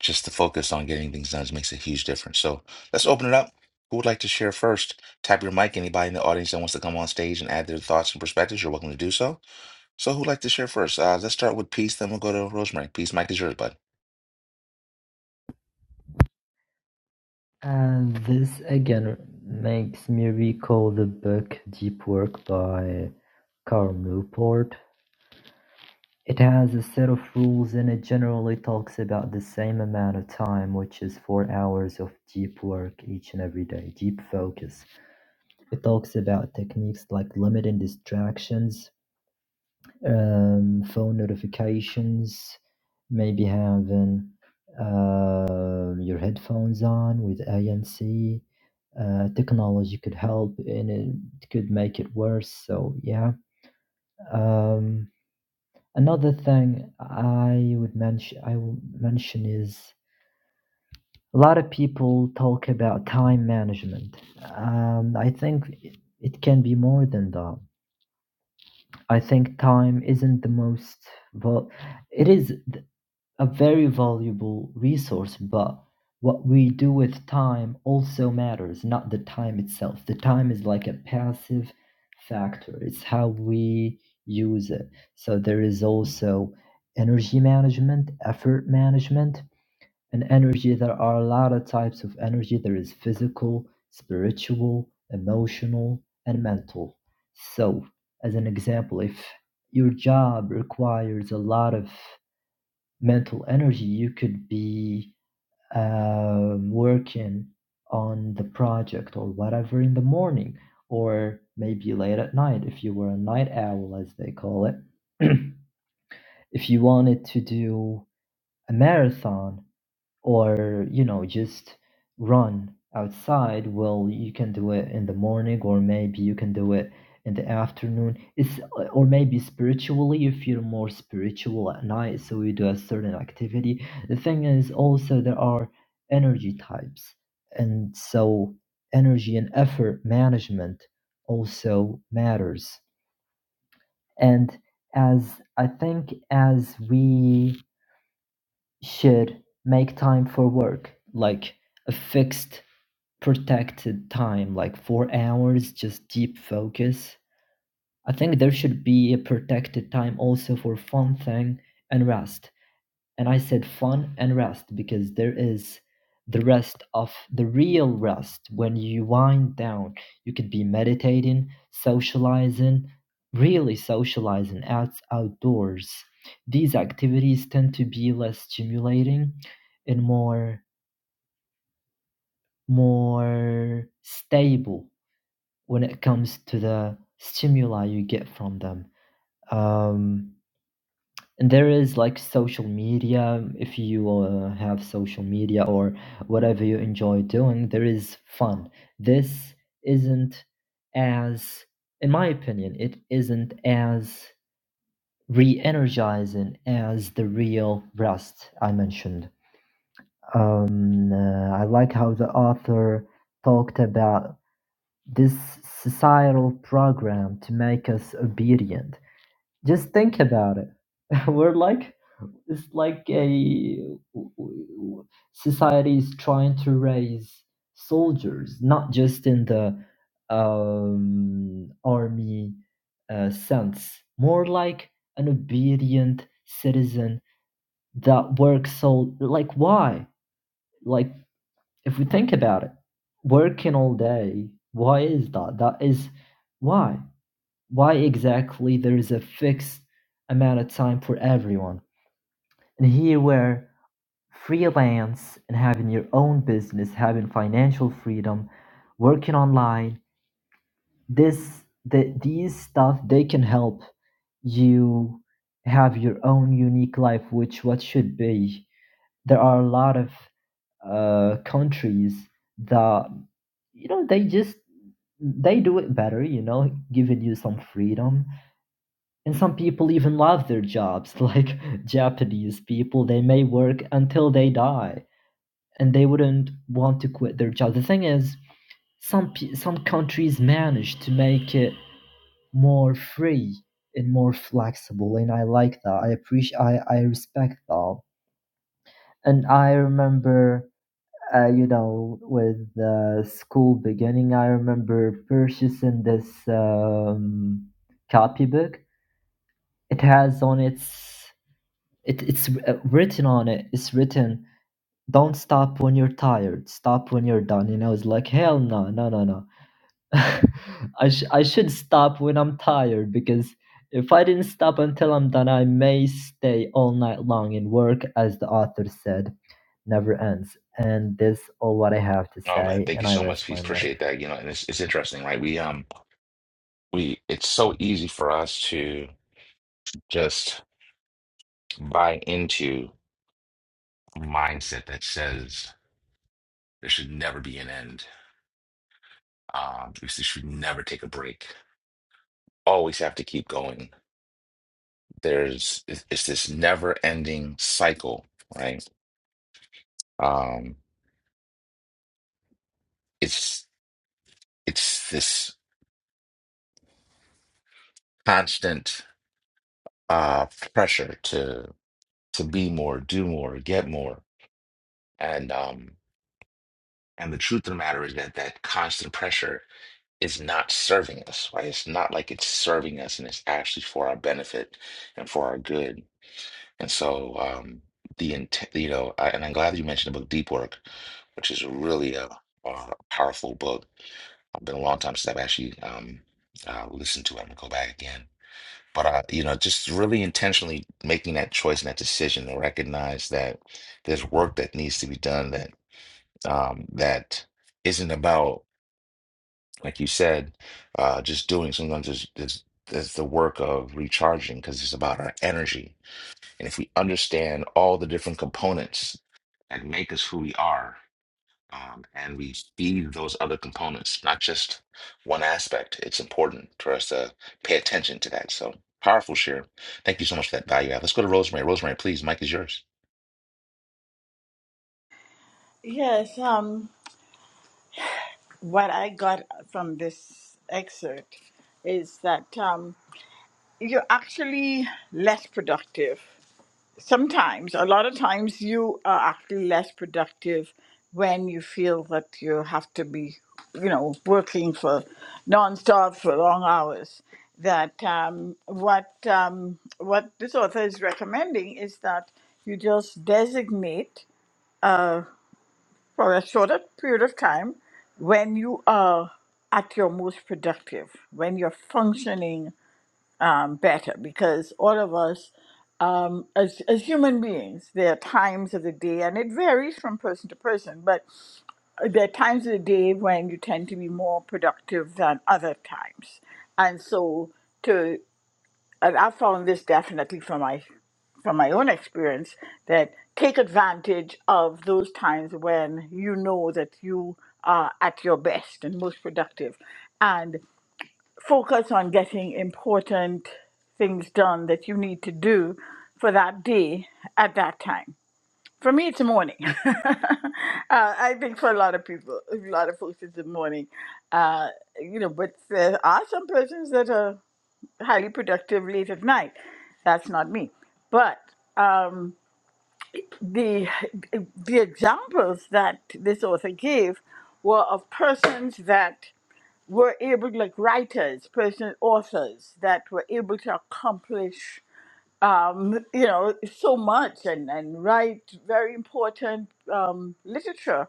just to focus on getting things done makes a huge difference so let's open it up who would like to share first tap your mic anybody in the audience that wants to come on stage and add their thoughts and perspectives you're welcome to do so so who'd like to share first uh, let's start with peace then we'll go to rosemary peace mic is yours bud And this again makes me recall the book Deep Work by Carl Newport. It has a set of rules and it generally talks about the same amount of time, which is four hours of deep work each and every day, deep focus. It talks about techniques like limiting distractions, um, phone notifications, maybe having uh, your headphones on with ANC. Uh, technology could help and it could make it worse. So yeah. Um, another thing I would mention, I will mention is a lot of people talk about time management. Um, I think it it can be more than that. I think time isn't the most, well, it is a very valuable resource, but what we do with time also matters, not the time itself. The time is like a passive factor, it's how we use it. So there is also energy management, effort management, and energy. There are a lot of types of energy there is physical, spiritual, emotional, and mental. So, as an example, if your job requires a lot of mental energy, you could be um, working on the project or whatever in the morning, or maybe late at night if you were a night owl, as they call it. *clears throat* if you wanted to do a marathon, or you know just run outside well you can do it in the morning or maybe you can do it in the afternoon it's uh, or maybe spiritually you feel more spiritual at night so you do a certain activity the thing is also there are energy types and so energy and effort management also matters and as i think as we should make time for work like a fixed protected time like 4 hours just deep focus i think there should be a protected time also for fun thing and rest and I said fun and rest because there is the rest of the real rest when you wind down. You could be meditating, socializing, really socializing out outdoors. These activities tend to be less stimulating and more more stable when it comes to the stimuli you get from them. Um, And there is like social media. If you uh, have social media or whatever you enjoy doing, there is fun. This isn't as, in my opinion, it isn't as re energizing as the real rest I mentioned. Um, uh, I like how the author talked about this societal program to make us obedient. Just think about it. *laughs* We're like it's like a society is trying to raise soldiers, not just in the um, army uh, sense, more like an obedient citizen that works so like why like if we think about it working all day why is that that is why why exactly there is a fixed amount of time for everyone and here where Freelance and having your own business, having financial freedom, working online, this the these stuff they can help you have your own unique life, which what should be. There are a lot of uh, countries that you know they just they do it better you know giving you some freedom and some people even love their jobs *laughs* like japanese people they may work until they die and they wouldn't want to quit their job. The thing is, some some countries manage to make it more free and more flexible, and I like that. I appreciate. I I respect that. And I remember, uh, you know, with uh, school beginning, I remember purchasing this um, copybook. It has on its it, it's uh, written on it. It's written Don't stop when you're tired. Stop when you're done. And I was like, hell no, no, no, no. *laughs* I, sh- I should stop when I'm tired because if I didn't stop until I'm done, I may stay all night long and work, as the author said, never ends. And this all what I have to Oh man, say, thank you and I so rest much, Peace. my mic. Appreciate that. You know, and it's it's interesting, right? We um we it's so easy for us to just buy into a mindset that says there should never be an end. Um, we s- should never take a break. Always have to keep going. There's it's it's this never-ending cycle, right? Um, it's it's this constant uh pressure to to be more, do more, get more, and um. And the truth of the matter is that that constant pressure is not serving us, right? It's not like it's serving us and it's actually for our benefit and for our good. And so, um, the intent, you know, I, and I'm glad you mentioned the book Deep Work, which is really a, a powerful book. It's been a long time since I've actually um, uh, listened to it. I'm gonna go back again. But uh, you know, just really intentionally making that choice and that decision to recognize that there's work that needs to be done that um, that isn't about like you said, uh, just doing sometimes is, is, is the work of recharging because it's about our energy. And if we understand all the different components that make us who we are, um, and we feed those other components, not just one aspect, it's important for us to pay attention to that. So powerful share. Thank you so much for that value add. Let's go to Rosemary. Rosemary, please, Mike is yours. Yes. Um, what I got from this excerpt is that um, you're actually less productive sometimes a lot of times you are actually less productive when you feel that you have to be you know working for nonstop for long hours that um, what um, what this author is recommending is that you just designate for a shorter period of time when you are at your most productive when you're functioning um, better because all of us, um, as, as human beings, there are times of the day, and it varies from person to person, but there are times of the day when you tend to be more productive than other times. And so, to, and I found this definitely from my, from my own experience, that take advantage of those times when you know that you are at your best and most productive. and focus on getting important things done that you need to do for that day at that time. For me, it's the morning. *laughs* uh, I think for a lot of people, a lot of folks, it's the morning. Uh, you know, but there are some persons that are highly productive late at night. That's not me. But um, the the examples that this author gave were of persons that were able, like writers, person, authors that were able to accomplish, um, you know, so much and, and write very important um, literature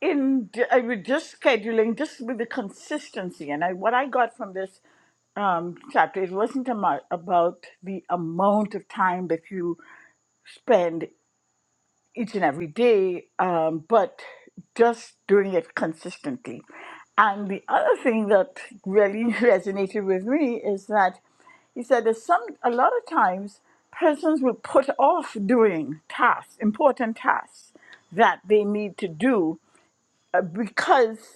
in ju- I was just scheduling, just with the consistency. And I, what I got from this um, chapter, it wasn't amo- about the amount of time that you spend each and every day, um, but just doing it consistently. And the other thing that really *laughs* resonated with me is that he said there's some a lot of times persons will put off doing tasks, important tasks that they need to do uh, because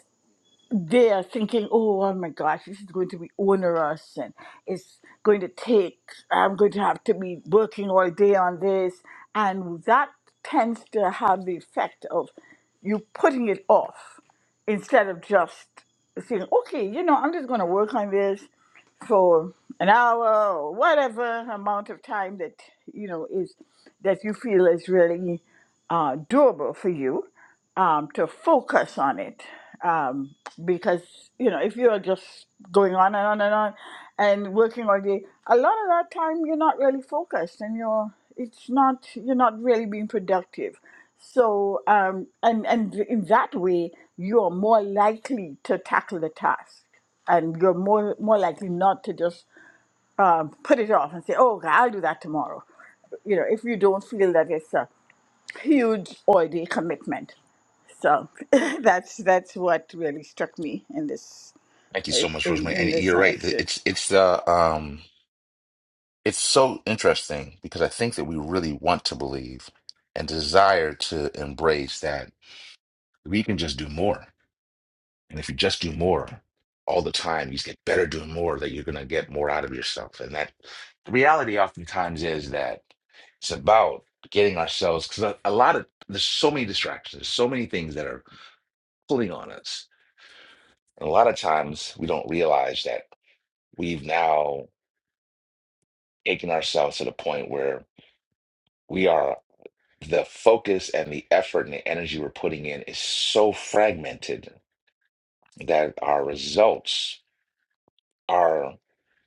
they are thinking, oh, oh my gosh, this is going to be onerous and it's going to take, I'm going to have to be working all day on this. And that tends to have the effect of you putting it off instead of just saying, okay, you know, I'm just going to work on this for an hour or whatever amount of time that, you know, is that you feel is really uh, doable for you um, to focus on it um, because you know if you are just going on and on and on and working all day a lot of that time you're not really focused and you're it's not you're not really being productive so um, and and in that way you're more likely to tackle the task and you're more more likely not to just um, put it off and say oh okay, i'll do that tomorrow you know if you don't feel that it's a huge all day commitment so *laughs* that's that's what really struck me in this Thank you so much, in, Rosemary. in And this you're right. th- excerpt. It's it's uh, um it's so interesting because I think that we really want to believe and desire to embrace that we can just do more. And if you just do more all the time, you just get better doing more, that you're going to get more out of yourself. And that the reality oftentimes is that it's about getting ourselves, because a, a lot of there's so many distractions, so many things that are pulling on us. And a lot of times we don't realize that we've now taken ourselves to the point where. we are. the focus and the effort and the energy we're putting in is so fragmented that our results are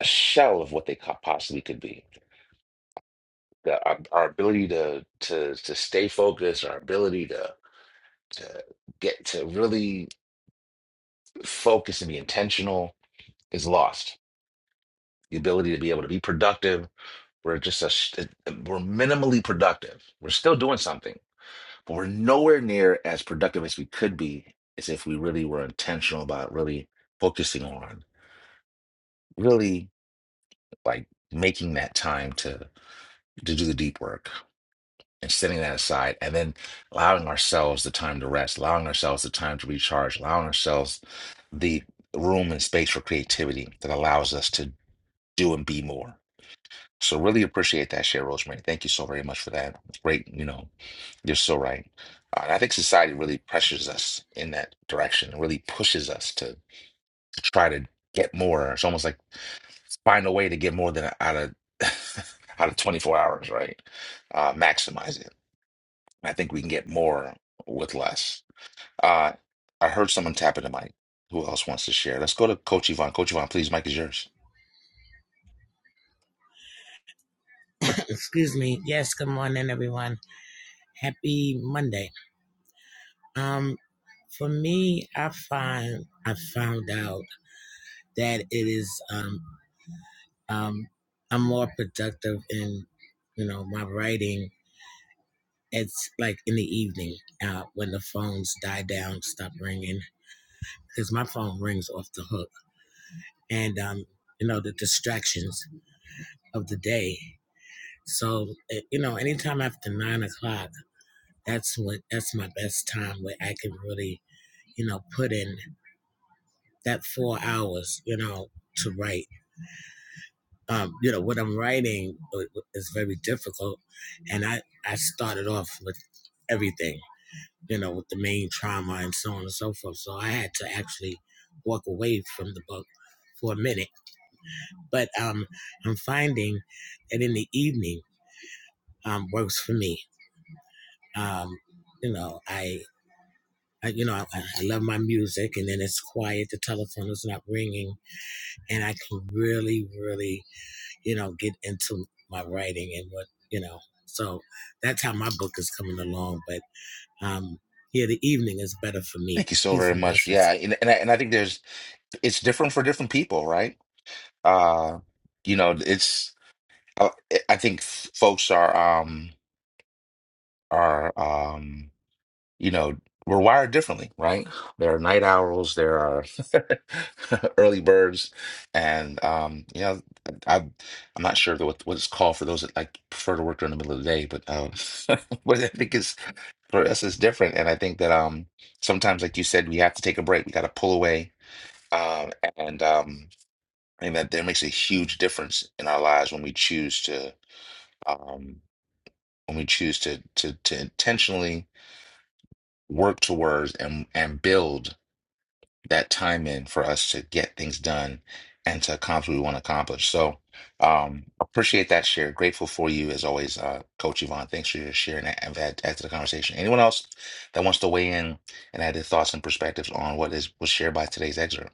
a shell of what they co- possibly could be. The, our, our ability to to to stay focused, our ability to to get to really focus and be intentional is lost. The ability to be able to be productive, we're just a, sh- we're minimally productive. We're still doing something But we're nowhere near as productive as we could be as if we really were intentional about really focusing on really like making that time to to do the deep work and setting that aside and then allowing ourselves the time to rest, allowing ourselves the time to recharge, allowing ourselves the room and space for creativity that allows us to do and be more. So really appreciate that share, Rosemary. Thank you so very much for that. Great, you know, You're so right. Uh, and I think society really pressures us in that direction, really pushes us to, to try to get more. It's almost like find a way to get more than out of *laughs* out of 24 hours, right? Uh, maximize it. I think we can get more with less. Uh, I heard someone tapping the mic. Who else wants to share? Let's go to Coach Yvonne. Coach Yvonne, please, Mike is yours. Excuse me. Yes, good morning, everyone. Happy Monday. Um, for me, I find I found out that it is um um I'm more productive in you know my writing. It's like in the evening uh, when the phones die down, stop ringing because my phone rings off the hook, and um you know the distractions of the day. So eh, you know anytime after nine o'clock, that's what that's my best time where I can really you know, put in that four hours, you know, to write. Um, you know, what I'm writing is very difficult. And I, I started off with everything, you know, with the main trauma and so on and so forth. So I had to actually walk away from the book for a minute. But um, I'm finding that in the evening um, works for me. Um, you know, I, I you know, I, I love my music and then it's quiet. The telephone is not ringing and I can really, really you know, get into my writing and what, you know. So that's how my book is coming along. But um, yeah, the evening is better for Thank me. you so Peace very and much. Yeah, blessings. and and I, and I think there's it's different for different people, right? Uh, you know, it's. uh, I I think f- folks are um are um you know we're wired differently, right? There are night owls, there are *laughs* early birds, and um you know I I'm not sure what what it's called for those that like prefer to work during the middle of the day, but um *laughs* but I think it's for us it's different, and I think that um sometimes like you said we have to take a break, we got to pull away, um and um I think that that makes a huge difference in our lives when we choose to. Um, when we choose to to to intentionally work towards and and build that time in for us to get things done and to accomplish what we want to accomplish. So um appreciate that share. Grateful for you as always, uh Coach Yvonne. Thanks for your share and add, add, add to the conversation. Anyone else that wants to weigh in and add their thoughts and perspectives on what is was shared by today's excerpt?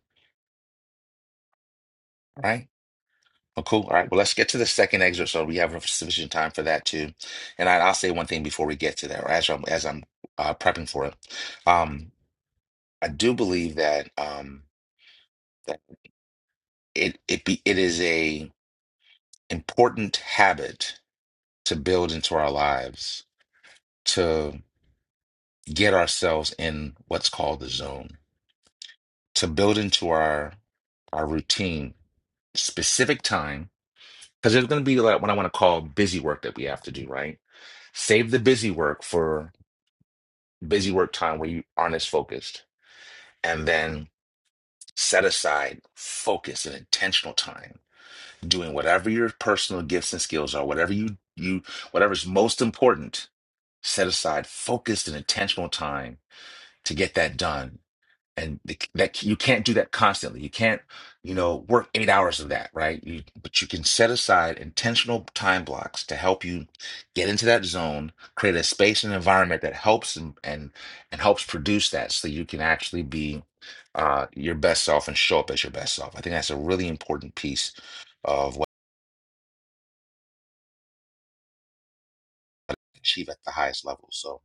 All Right? Oh, cool. All right. Well, let's get to the second excerpt so we have sufficient time for that too. And I, I'll say one thing before we get to that, or as I'm as I'm uh, prepping for it. Um, I do believe that um, that it it be it is a important habit to build into our lives to get ourselves in what's called the zone, to build into our our routine specific time because there's going to be like what I want to call busy work that we have to do, right? Save the busy work for busy work time where you aren't as focused, and then set aside focus and intentional time doing whatever your personal gifts and skills are, whatever you you whatever's most important. Set aside focused and intentional time to get that done and the, that you can't do that constantly. You can't, you know, work eight hours of that, right? You, but you can set aside intentional time blocks to help you get into that zone, create a space and environment that helps and and, and helps produce that, so you can actually be uh, your best self and show up as your best self. I think that's a really important piece of what you can achieve at the highest level. So,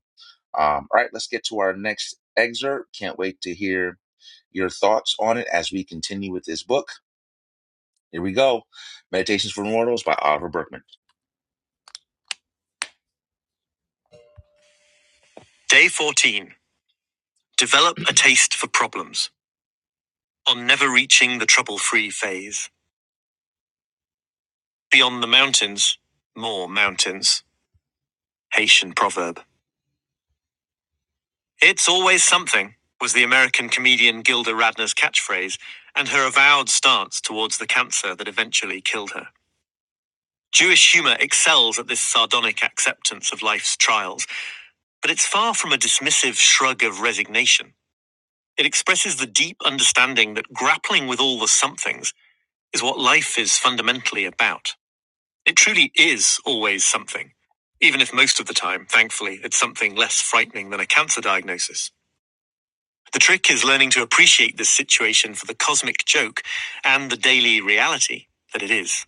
um, all right, let's get to our next excerpt. Can't wait to hear your thoughts on it as we continue with this book. Here we go. Meditations for Mortals by Oliver Berkman. Day 14. Develop a taste for problems. On never reaching the trouble free phase. Beyond the mountains, more mountains. Haitian proverb. It's always something, was the American comedian Gilda Radner's catchphrase, and her avowed stance towards the cancer that eventually killed her. Jewish humor excels at this sardonic acceptance of life's trials, but it's far from a dismissive shrug of resignation. It expresses the deep understanding that grappling with all the somethings is what life is fundamentally about. It truly is always something, even if most of the time, thankfully, it's something less frightening than a cancer diagnosis. The trick is learning to appreciate this situation for the cosmic joke and the daily reality that it is.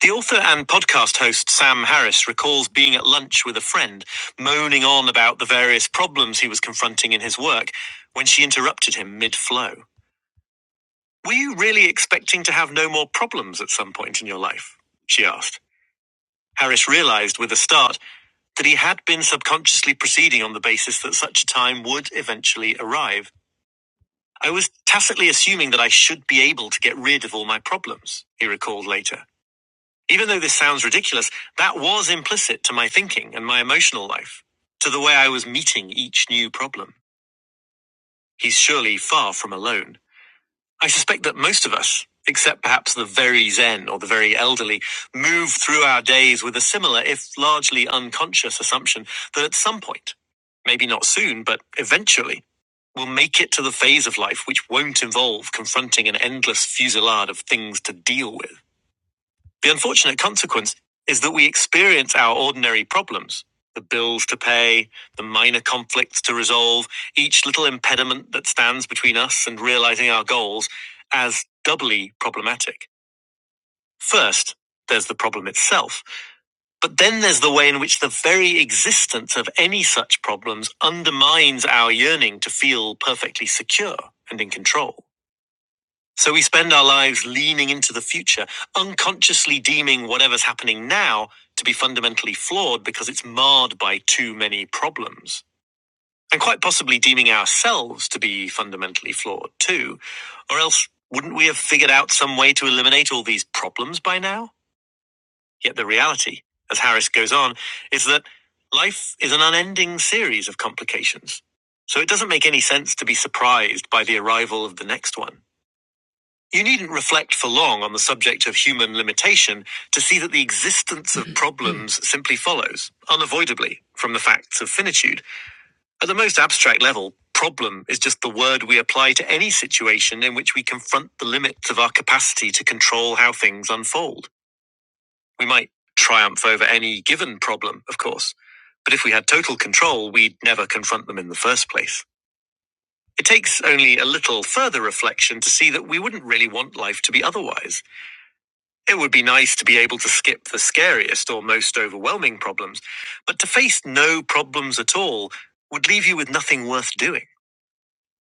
The author and podcast host Sam Harris recalls being at lunch with a friend, moaning on about the various problems he was confronting in his work when she interrupted him mid flow. Were you really expecting to have no more problems at some point in your life? She asked. Harris realized with a start that he had been subconsciously proceeding on the basis that such a time would eventually arrive. I was tacitly assuming that I should be able to get rid of all my problems, he recalled later. Even though this sounds ridiculous, that was implicit to my thinking and my emotional life, to the way I was meeting each new problem. He's surely far from alone. I suspect that most of us, except perhaps the very Zen or the very elderly, move through our days with a similar, if largely unconscious, assumption that at some point, maybe not soon, but eventually, we'll make it to the phase of life which won't involve confronting an endless fusillade of things to deal with. The unfortunate consequence is that we experience our ordinary problems the bills to pay, the minor conflicts to resolve, each little impediment that stands between us and realizing our goals as doubly problematic. First, there's the problem itself, but then there's the way in which the very existence of any such problems undermines our yearning to feel perfectly secure and in control. So we spend our lives leaning into the future, unconsciously deeming whatever's happening now to be fundamentally flawed because it's marred by too many problems. And quite possibly deeming ourselves to be fundamentally flawed too. Or else, wouldn't we have figured out some way to eliminate all these problems by now? Yet the reality, as Harris goes on, is that life is an unending series of complications. So it doesn't make any sense to be surprised by the arrival of the next one. You needn't reflect for long on the subject of human limitation to see that the existence of *clears throat* problems simply follows, unavoidably, from the facts of finitude. At the most abstract level, problem is just the word we apply to any situation in which we confront the limits of our capacity to control how things unfold. We might triumph over any given problem, of course, but if we had total control, we'd never confront them in the first place. It takes only a little further reflection to see that we wouldn't really want life to be otherwise. It would be nice to be able to skip the scariest or most overwhelming problems, but to face no problems at all would leave you with nothing worth doing.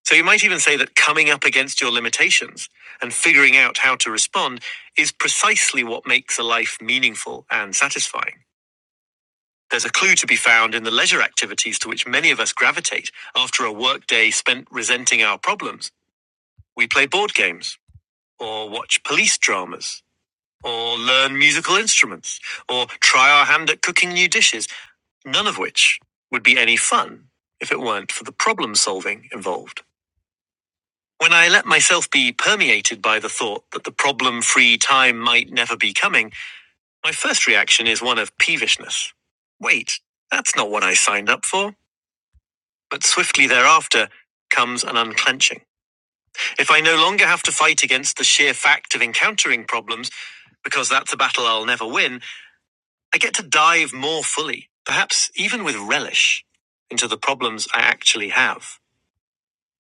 So you might even say that coming up against your limitations and figuring out how to respond is precisely what makes a life meaningful and satisfying. There's a clue to be found in the leisure activities to which many of us gravitate after a workday spent resenting our problems. We play board games or watch police dramas or learn musical instruments, or try our hand at cooking new dishes, none of which would be any fun if it weren't for the problem solving involved. When I let myself be permeated by the thought that the problem free time might never be coming, my first reaction is one of peevishness. Wait, that's not what I signed up for. But swiftly thereafter comes an unclenching. If I no longer have to fight against the sheer fact of encountering problems, because that's a battle I'll never win, I get to dive more fully, perhaps even with relish, into the problems I actually have.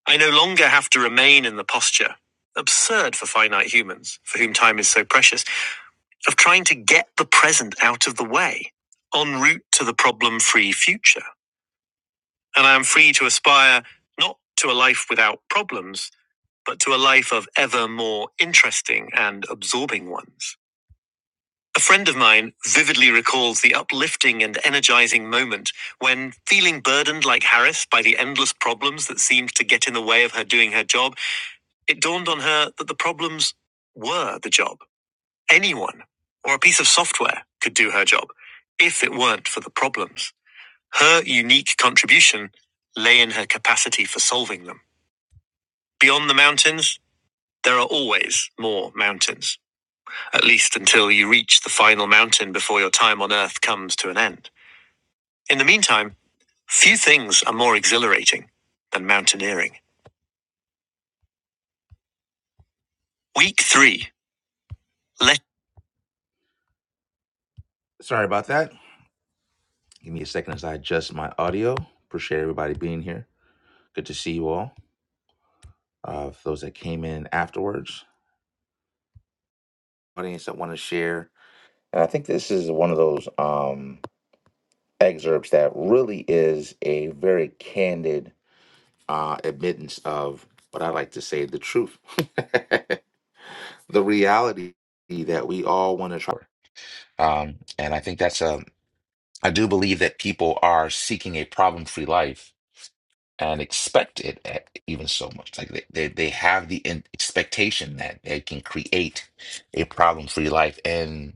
I no longer have to remain in the posture, absurd for finite humans, for whom time is so precious, of trying to get the present out of the way, en route to the problem free future. And I am free to aspire not to a life without problems, but to a life of ever more interesting and absorbing ones. A friend of mine vividly recalls the uplifting and energizing moment when, feeling burdened like Harris by the endless problems that seemed to get in the way of her doing her job, it dawned on her that the problems were the job. Anyone or a piece of software could do her job if it weren't for the problems. Her unique contribution lay in her capacity for solving them. Beyond the mountains, there are always more mountains, at least until you reach the final mountain before your time on Earth comes to an end. In the meantime, few things are more exhilarating than mountaineering. Week three. Let Sorry about that. Give me a second as I adjust my audio. Appreciate everybody being here. Good to see you all. Uh, for those that came in afterwards, audience that want to share. And I think this is one of those um, excerpts that really is a very candid uh, admittance of what I like to say the truth, *laughs* the reality that we all want to try. Um, and I think that's a I do believe that people are seeking a problem-free life and expect it at even so much. Like they, they, they have the in- expectation that they can create a problem-free life. And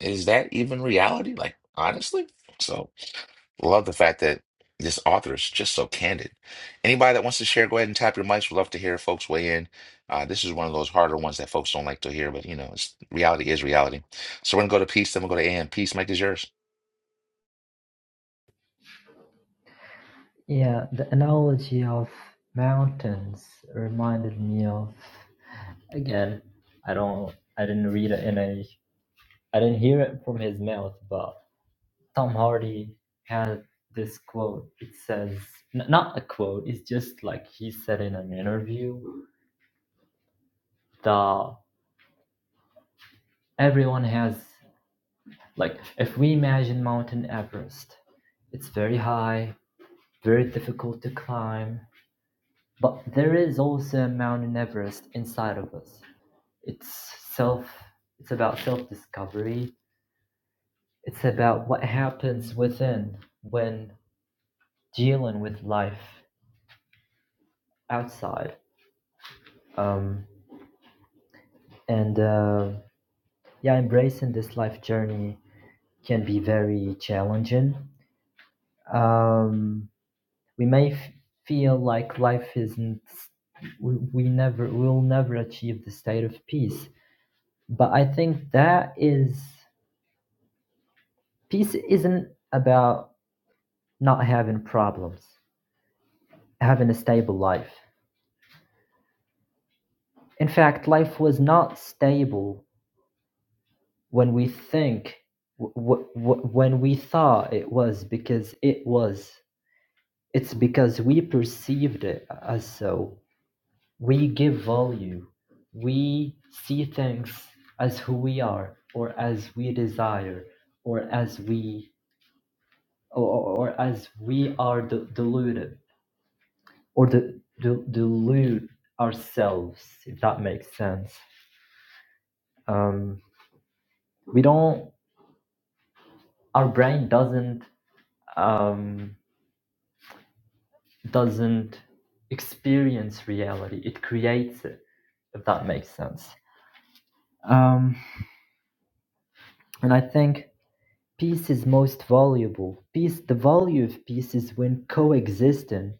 is that even reality? Like, honestly? So, love the fact that this author is just so candid. Anybody that wants to share, go ahead and tap your mics. We'd love to hear folks weigh in. Uh, this is one of those harder ones that folks don't like to hear, but you know, it's, reality is reality. So we're gonna go to peace, then we'll go to AM. Peace, Mike is yours. Yeah, the analogy of mountains reminded me of again. I don't. I didn't read it in a. I didn't hear it from his mouth, but Tom Hardy had this quote. It says, n- not a quote, it's just like he said in an interview The everyone has, like, if we imagine Mountain Everest, it's very high, very difficult to climb, but there is also a Mountain Everest inside of us. It's self, it's about self discovery, it's about what happens within when dealing with life outside. Um, And uh, yeah, embracing this life journey can be very challenging. Um, we may f- feel like life isn't, we, we never, will never achieve the state of peace. But I think that is, peace isn't about not having problems, having a stable life. In fact, life was not stable when we think, w- w- w- when we thought it was, because it was It's because we perceived it as so. We give value. We see things as who we are, or as we desire, or as we, or, or or as we are de- deluded, or de- de- delude ourselves, if that makes sense. Um, we don't. Our brain doesn't um, doesn't experience reality. It creates it, if that makes sense. Um, And I think peace is most valuable. Peace, the value of peace is when coexisting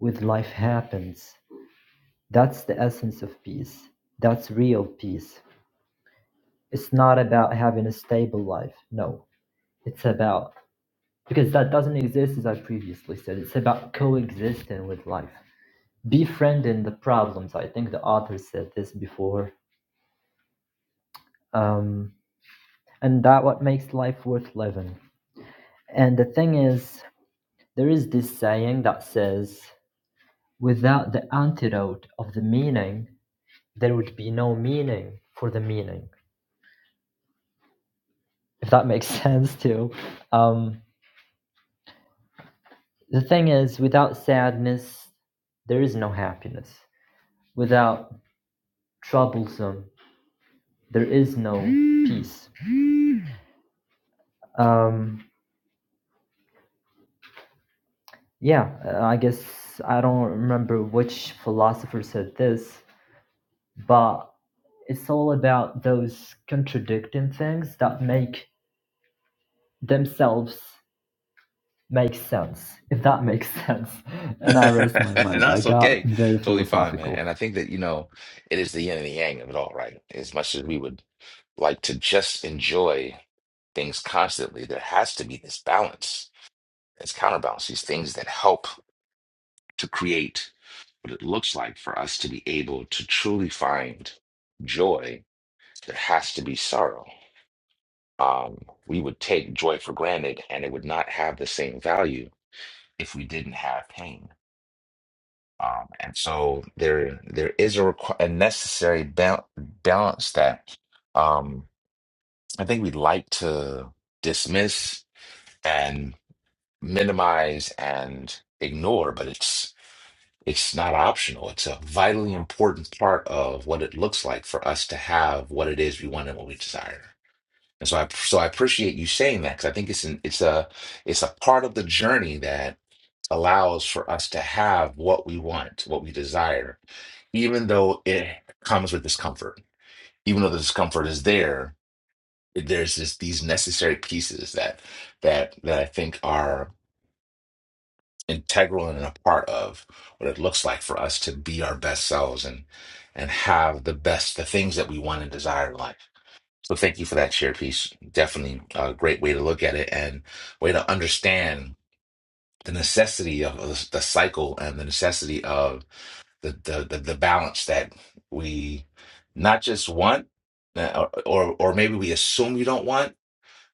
with life happens. That's the essence of peace. That's real peace. It's not about having a stable life. No, it's about because that doesn't exist, as I previously said. It's about coexisting with life, befriending the problems. I think the author said this before, um, and that what makes life worth living. And the thing is, there is this saying that says Without the antidote of the meaning, there would be no meaning for the meaning, if that makes *laughs* sense too. Um, the thing is, without sadness, there is no happiness. Without troublesome, there is no peace. Um, yeah, uh, I guess I don't remember which philosopher said this, but it's all about those contradicting things that make themselves Makes sense, if that makes *laughs* sense. And I rest my *laughs* And mic. I that's got okay. very Totally fine, man. philosophical. And I think that, you know, it is the yin and the yang of it all, right? As much as we would like to just enjoy things constantly, there has to be this balance, this counterbalance, these things that help to create what it looks like for us to be able to truly find joy. There has to be sorrow. Um, we would take joy for granted and it would not have the same value if we didn't have pain. Um, and so there there is a, requ- a necessary ba balance that um, I think we like to dismiss and minimize and ignore, but it's it's not optional. It's a vitally important part of what it looks like for us to have what it is we want and what we desire. And so I so I appreciate you saying that because I think it's an, it's a it's a part of the journey allows for us to have what we want, what we desire, even though it comes with discomfort. Even though the discomfort is there, there's just these necessary pieces that that that I think are integral and a part of what it looks like for us to be our best selves and and have the best the things that we want and desire in life. So thank you for that shared piece. Definitely a great way to look at it and way to understand the necessity of the the cycle and the necessity of the the the, the balance that we not just want uh, or or or maybe we assume you don't want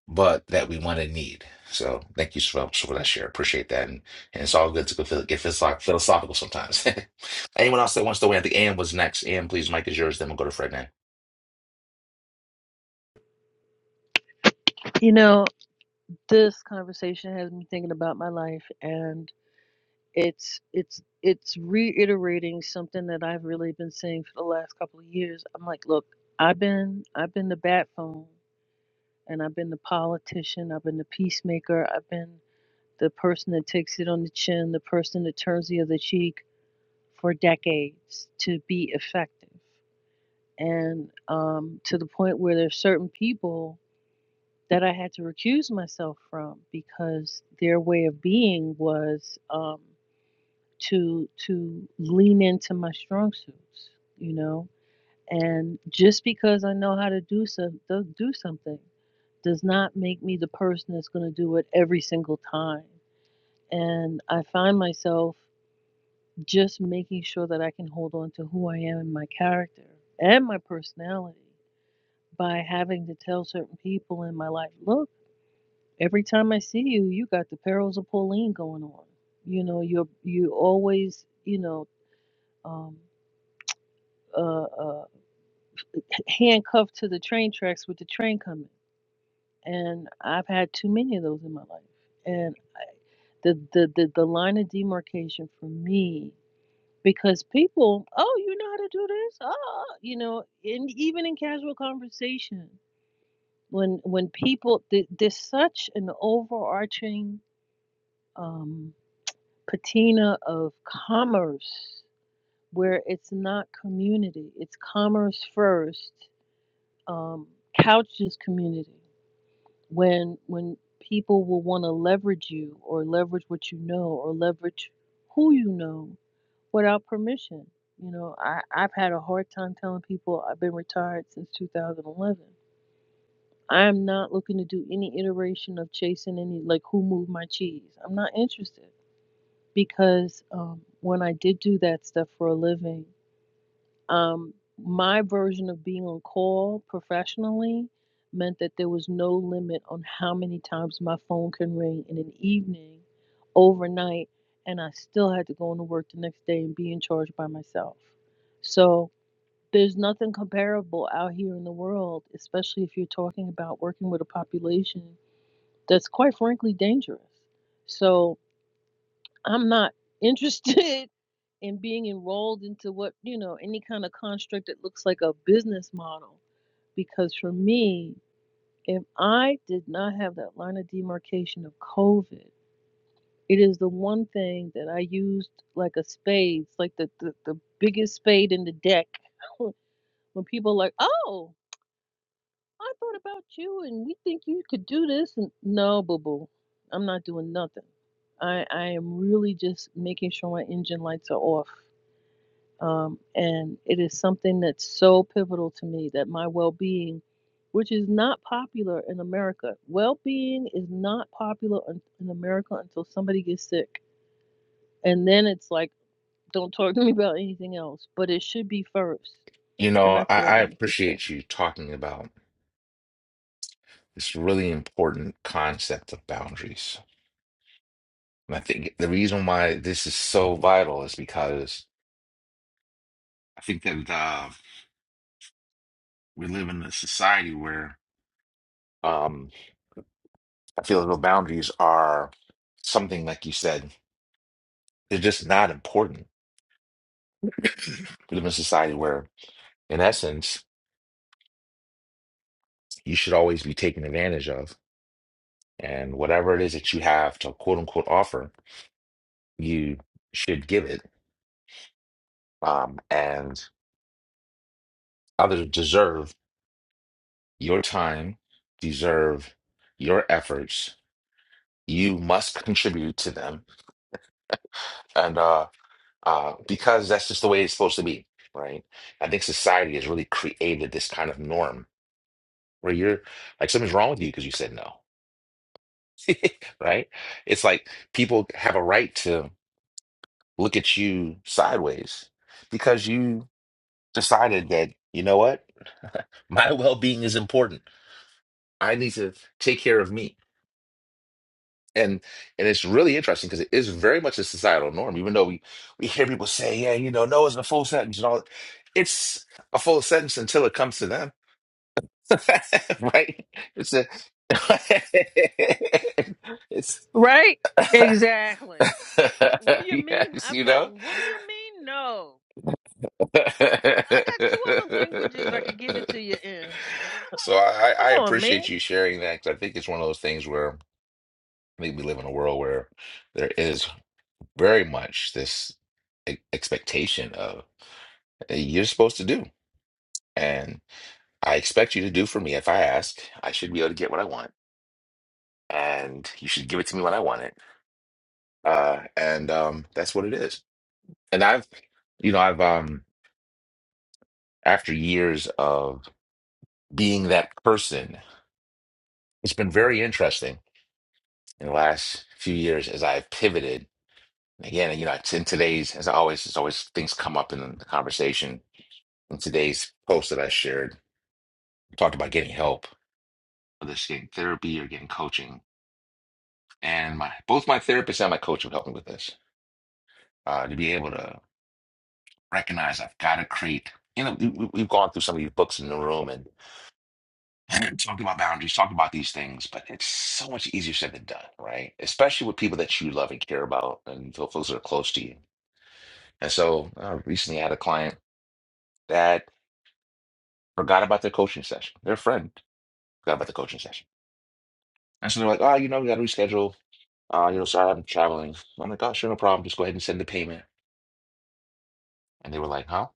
but that we want and need so thank you so much for that share appreciate that and, and it's all good to go phil- get philosoph- philosophical sometimes *laughs* anyone else that wants to win i think am was next am please mike is yours then we'll go to fred now You know, this conversation has me thinking about my life and it's it's it's reiterating something that I've really been saying for the last couple of years. I'm like, look, I've been I've been the bat phone and I've been the politician, I've been the peacemaker, I've been the person that takes it on the chin, the person that turns the other cheek, for decades to be effective. And um, to the point where there's certain people that I had to recuse myself from because their way of being was um, to to lean into my strong suits, you know. And just because I know how to do so, do do something does not make me the person that's going to do it every single time. And I find myself just making sure that I can hold on to who I am and my character and my personality by having to tell certain people in my life, look, every time I see you, you got the perils of Pauline going on. You know, you're you always, you know, um, uh, uh, handcuffed to the train tracks with the train coming. And I've had too many of those in my life. And the the the, the line of demarcation for me because people, oh, you know how to do this, oh, you know, in even in casual conversation, when when people th- there's such an overarching um, patina of commerce where it's not community, it's commerce first, um, couches community. When when people will want to leverage you or leverage what you know or leverage who you know without permission. You know, I, I've had a hard time telling people I've been retired since 2011. I am not looking to do any iteration of chasing any, like, who moved my cheese. I'm not interested because um, when I did do that stuff for a living, um, my version of being on call professionally meant that there was no limit on how many times my phone can ring in an evening, overnight, and I still had to go into work the next day and be in charge by myself. So there's nothing comparable out here in the world, especially if you're talking about working with a population that's quite frankly dangerous. So I'm not interested *laughs* in being enrolled into what, you know, any kind of construct that looks like a business model. Because for me, if I did not have that line of demarcation of COVID, it is the one thing that I used like a spade, like the, the, the biggest spade in the deck. *laughs* when people are like, oh, I thought about you and we think you could do this. And no, boo boo, I'm not doing nothing. I, I am really just making sure my engine lights are off Um, and it is something that's so pivotal to me that my well being, which is not popular in America, well being is not popular in, in America until somebody gets sick. And then it's like, don't talk to me about anything else, but it should be first. you And know that's I, what I I wanted to say. appreciate you talking about this really important concept of boundaries and i think the reason why this is so vital is because i think that we live in a society where um, I feel as though boundaries are something like you said, they're just not important. *clears throat* We live in a society where, in essence, you should always be taken advantage of, and whatever it is that you have to quote unquote offer, you should give it. Um, and others deserve your time, deserve your efforts. You must contribute to them, and uh, uh, because that's just the way it's supposed to be, right? I think society has really created this kind of norm where you're like something's wrong with you because you said no, *laughs* right? It's like people have a right to look at you sideways because you decided that, you know what? *laughs* My well-being is important. I need to take care of me. and and it's really interesting because it is very much a societal norm even though we we hear people say yeah you know no it's a full sentence and all that." it's a full sentence until it comes to them *laughs* right it's a *laughs* it's Right? Exactly. What do *laughs* you mean? yes I've you know gotten. What do you mean? No. I got two other *laughs* languages I could give it to you in. so I Come I on, man. appreciate you sharing that because I think it's one of those things where I think we live in a world where there is very much this e- expectation of uh, you're supposed to do. And I expect you to do for me. If I ask, I should be able to get what I want. And you should give it to me when I want it. Uh, and um, that's what it is. And I've, you know, I've, um, after years of being that person, it's been very interesting in the last few years as I've pivoted. Again, you know, it's in today's, as I always, as always, things come up in the conversation. In today's post that I shared, talked about getting help whether it's getting therapy or getting coaching. And my both my therapist and my coach have helped me with this uh, to be able to recognize I've got to create. You know, we, we- we've gone through some of these books in the room and, and talked about boundaries, talked about these things, but it's so much easier said than done, right? Especially with people that you love and care about and feel folks that are close to you. And so I recently had a client that forgot about their coaching session. Their friend forgot about the coaching session. And so they're like, oh, you know, we got to reschedule. Uh, you know, sorry, I'm traveling. I'm like, oh, sure, no problem. Just go ahead and send the payment. And they were like, huh?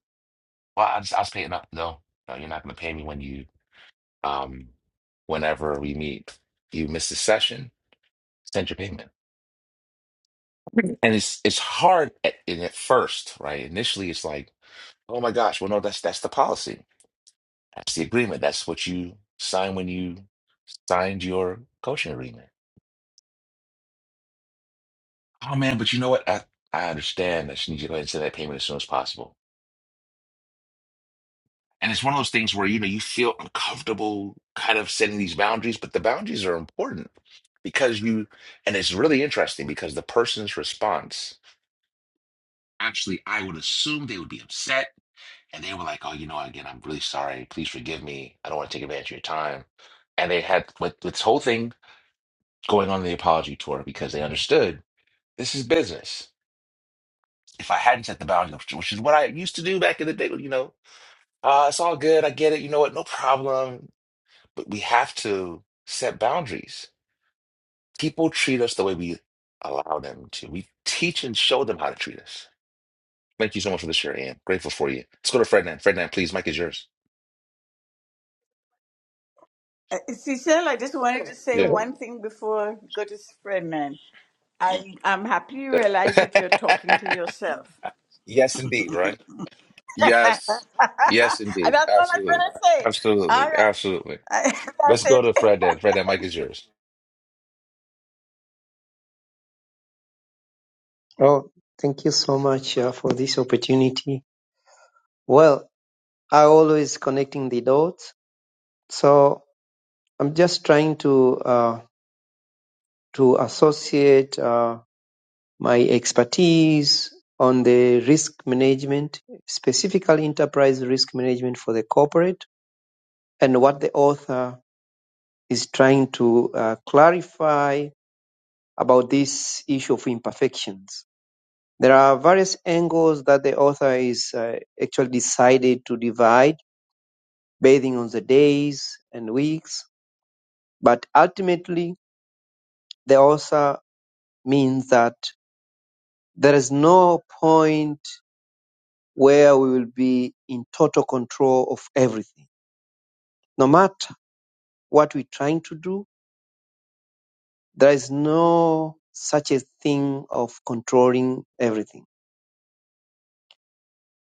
Well, I just, I was paying up. No, no, you're not going to pay me when you, um, whenever we meet. You miss a session, send your payment. And it's it's hard at, in at first, right? Initially, it's like, oh my gosh, well, no, that's that's the policy. That's the agreement. That's what you signed when you signed your coaching agreement. Oh man, but you know what? I, I understand that you need to go ahead and send that payment as soon as possible. And it's one of those things where, you know, you feel uncomfortable kind of setting these boundaries, but the boundaries are important because you, and it's really interesting because the person's response, actually, I would assume they would be upset and they were like, oh, you know, again, I'm really sorry. Please forgive me. I don't want to take advantage of your time. And they had with this whole thing going on the apology tour because they understood this is business. If I hadn't set the boundaries, which is what I used to do back in the day, you know, uh, it's all good. I get it. You know what? No problem. But we have to set boundaries. People treat us the way we allow them to. We teach and show them how to treat us. Thank you so much for the share, Ian. Grateful for you. Let's go to Ferdinand. Ferdinand, please. Mike is yours. Uh, Cecile, I just wanted to say Yeah. one thing before we go to Spreadman. I I'm happy you realize that you're talking to yourself. *laughs* yes, indeed. Right. Yes. *laughs* Yes, and indeed. that's all I'm Absolutely. gonna say. All Absolutely. right, Absolutely. *laughs* Let's go that's to it. Ferdinand. Ferdinand, Mike is yours. Oh, thank you so much uh, for this opportunity. Well, I always connecting the dots. So I'm just trying to uh, to associate uh, my expertise on the risk management, specifically enterprise risk management for the corporate, and what the author is trying to uh, clarify about this issue of imperfections. There are various angles that the author is uh, actually decided to divide, basing on the days and weeks, but ultimately They also means that there is no point where we will be in total control of everything. No matter what we're trying to do, there is no such a thing of controlling everything.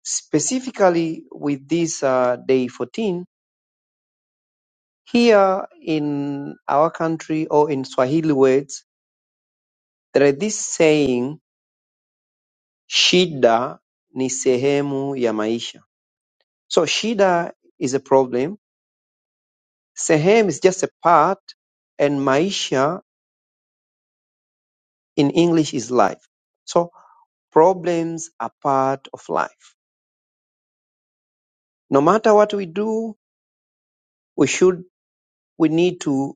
Specifically with this uh, day 14, here in our country or in Swahili words, there is this saying, shida ni sehemu ya maisha. So shida is a problem Sehemu is just a part and maisha in English is life. So problems are part of life. No matter what we do, we should we need to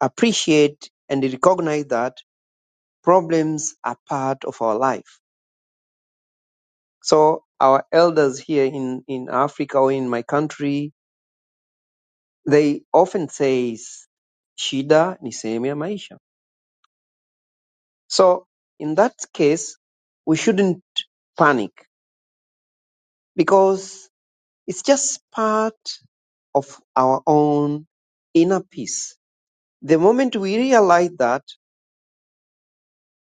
appreciate and recognize that problems are part of our life. So our elders here in, in Africa or in my country, they often say, shida ni sehemu ya maisha. So in that case, we shouldn't panic because It's just part of our own inner peace. The moment we realize that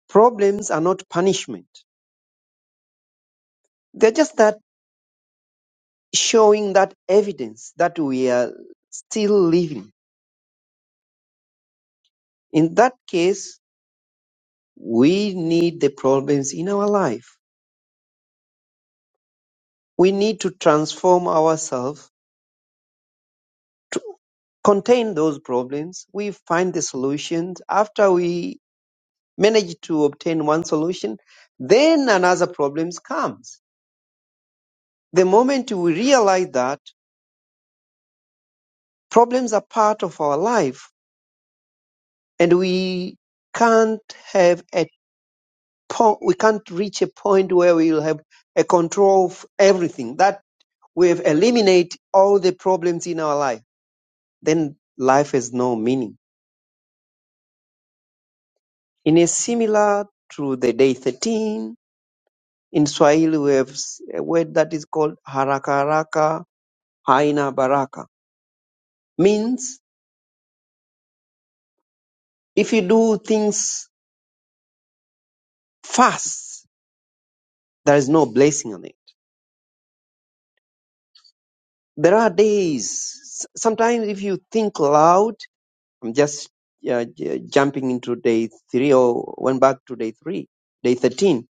problems are not punishment, they're just that showing that evidence that we are still living. In that case, we need the problems in our life. We need to transform ourselves to contain those problems. We find the solutions. After we manage to obtain one solution, then another problem comes The moment we realize that problems are part of our life and we can't have a po- we can't reach a point where we'll have a control of everything that we've eliminated all the problems in our life, then life has no meaning. In a similar to the day 13, in Swahili we have s- a word that is called haraka haraka haina baraka, means if you do things fast, there is no blessing on it there are days sometimes if you think loud i'm just uh, j- jumping into day three or went back to day three day 13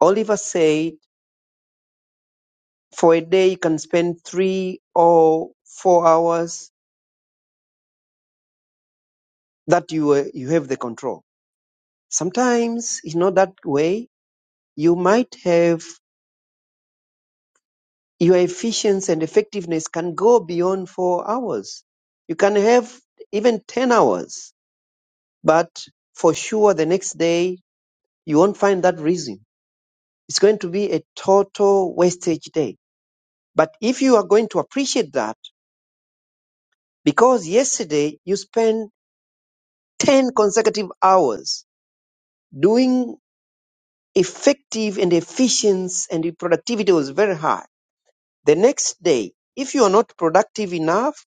oliver said for a day you can spend three or four hours that you uh, you have the control sometimes it's not that way you might have your efficiency and effectiveness can go beyond four hours you can have even 10 hours but for sure the next day you won't find that reason. It's going to be a total wastage day. But if you are going to appreciate that, because yesterday you spent 10 consecutive hours doing effective and efficiency and the productivity was very high. The next day, if you are not productive enough,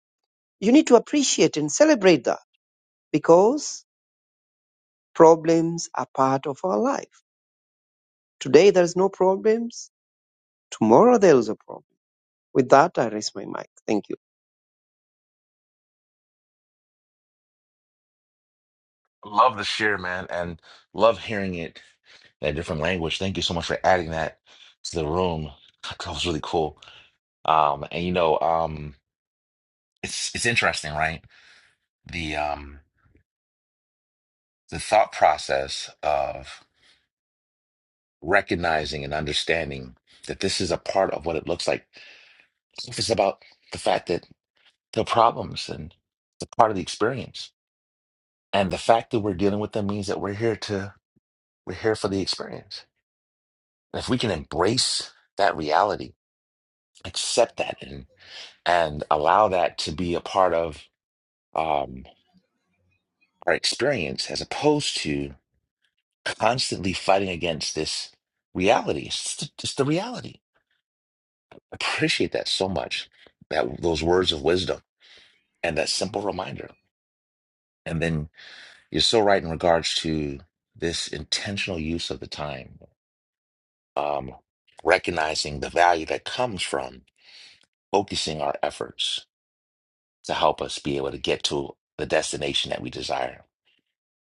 you need to appreciate and celebrate that because problems are part of our life. Today there's no problems. Tomorrow there is a problem. With that, I raise my mic. Thank Love the share, man, and love hearing it in a different language. Thank you so much for adding that to the room. *laughs* That was really cool. Um, and you know, um, it's it's interesting, right? The um, the thought process of recognizing and understanding that this is a part of what it looks like. It's about the fact that the problems and the part of the experience, and the fact that we're dealing with them means that we're here to we're here for the experience. And if we can embrace that reality, accept that, and and allow that to be a part of um, our experience, as opposed to constantly fighting against this reality. It's the, it's the reality. Appreciate that so much. That those words of wisdom and that simple reminder. And then you're so right in regards to this intentional use of the time, um, recognizing the value that comes from focusing our efforts to help us be able to get to the destination that we desire.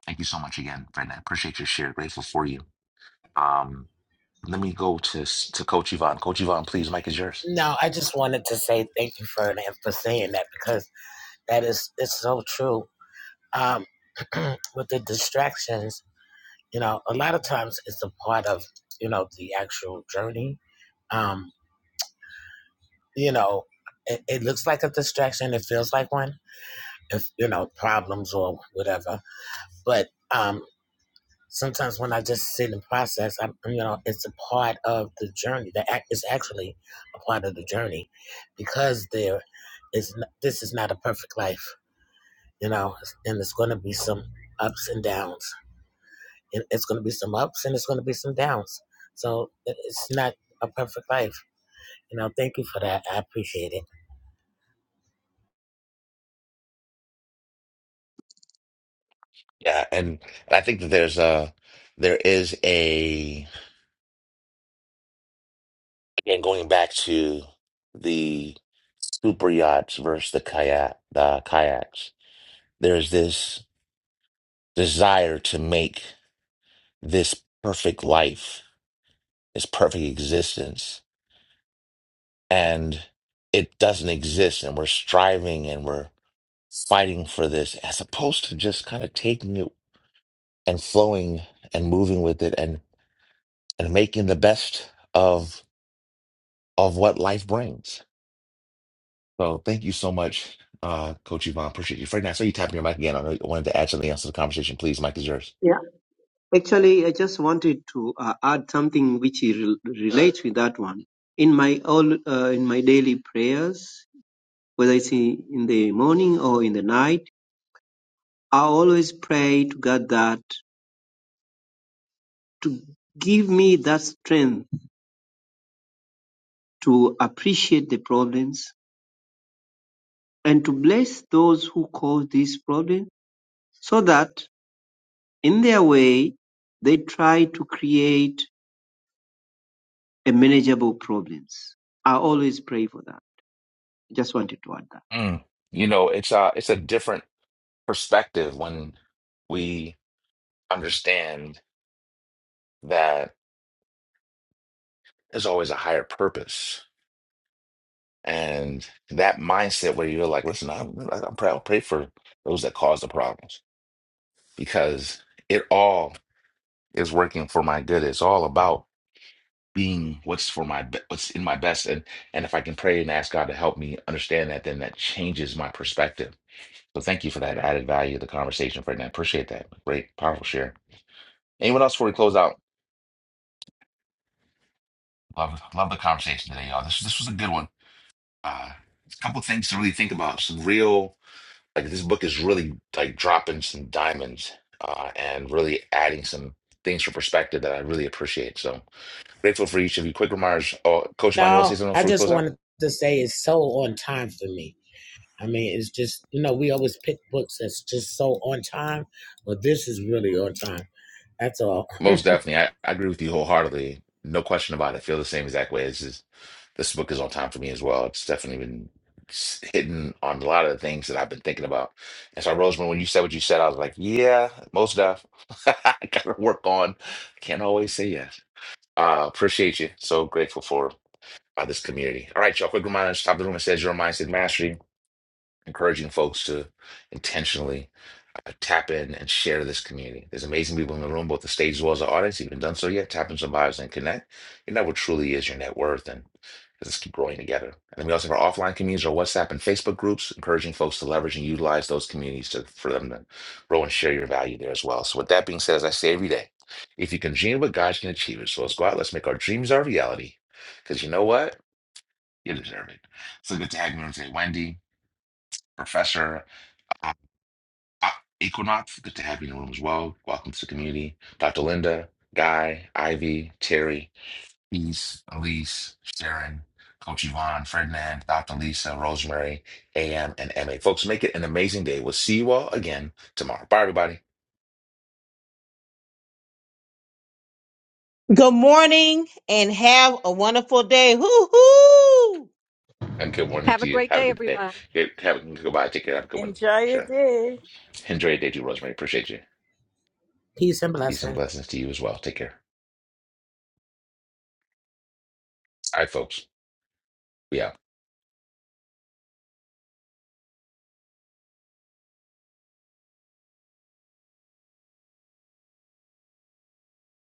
Thank you so much again, Brenda. I Appreciate your share. Grateful for you. Um, let me go to to Coach Yvonne. Coach Yvonne, please, Mike is yours. No, I just wanted to say thank you for for saying that because that is it's so true. Um, *clears throat* with the distractions, you know, a lot of times it's a part of you know the actual journey. Um, you know, it, it looks like a distraction. It feels like one. If you know problems or whatever, but um, Sometimes when I just sit and process, I'm you know, it's a part of the journey. That it's actually a part of the journey, because there is n- this is not a perfect life, you know, and it's going to be some ups and downs. It, it's going to be some ups and it's going to be some downs. So it, it's not a perfect life, you know. Thank you for that. I appreciate it. Yeah, and and I think that there's a there is a again going back to the super yachts versus the kayak the kayaks. There's this desire to make this perfect life, this perfect existence, and it doesn't exist, and we're striving and we're fighting for this, as opposed to just kind of taking it and flowing and moving with it and and making the best of of what life brings So thank you so much, uh, Coach Yvonne. Appreciate you. Fred, I saw you tapping your mic again. I know you wanted to add something else to the conversation. Please, mic is yours. you. Actually, I just wanted to uh, add something which rel- relates with that one. In my all, uh, in my daily prayers, whether it's in, in the morning or in the night, I always pray to God that to give me that strength to appreciate the problems and to bless those who cause these problems, so that in their way they try to create a manageable problems. I always pray for that. Just wanted to add that. Mm. You know, it's a it's a different perspective when we understand that there's always a higher purpose. And that mindset where you're like, listen, I'm, I'm proud, I'll pray for those that cause the problems because it all is working for my good. It's all about being what's for my be- what's in my best. And and if I can pray and ask God to help me understand that, then that changes my perspective. So thank you for that added value of the conversation, Ferdinand. Appreciate that. Great, powerful share. Anyone else before we close out? Love, love the conversation today, y'all. This this was a good one. Uh, a couple things to really think about. Some real Like this book is really like dropping some diamonds uh, and really adding some things for perspective that I really appreciate. So grateful for each of you. Quick remarks. Oh, Coach Yvonne, you want to No, say something I before we just close out? wanted to say it's so on time for me. I mean, it's just, you know, we always pick books that's just so on time, but this is really on time. That's all. Most definitely. I, I agree with you wholeheartedly. No question about it. I feel the same exact way. This is this book is on time for me as well. It's definitely been s- hitting on a lot of the things that I've been thinking about. And so, Rosemary, when you said what you said, I was like, yeah, most deaf. *laughs* I gotta work on. Can't always say yes. Uh, appreciate you. So grateful for by this community. All right, y'all. Quick reminder at the top of the room. It says your mindset mastery, encouraging folks to intentionally uh, tap in and share this community. There's amazing people in the room, both the stage as well as the audience. If you haven't done so yet, tap in some bios and connect. You know what truly is your net worth and let's keep growing together. And then we also have our offline communities, our WhatsApp and Facebook groups, encouraging folks to leverage and utilize those communities to, for them to grow and share your value there as well. So with that being said, as I say every day, if you can dream what God you can achieve it. So let's go out, let's make our dreams our reality. Because you know what? You deserve it. So good to have you in today, Wendy, Professor uh, uh, Equinox. Good to have you in the room as well. Welcome to the community, Dr. Linda, Guy, Ivy, Terry, Peace, Elise, Sharon, Coach Yvonne, Ferdinand, Dr. Lisa, Rosemary, AM, and MA. Folks, make it an amazing day. We'll see you all again tomorrow. Bye, everybody, Good morning and have a wonderful day. Hoo hoo! and good morning have to a you. great Have a day good day. everybody Good, have a good bye. Take care. Have a good one. Enjoy your Sure. day. Enjoy your day, too, Rosemary. Appreciate you. Peace and Peace blessings. and blessings to you as well. Take care. All right, folks. We out.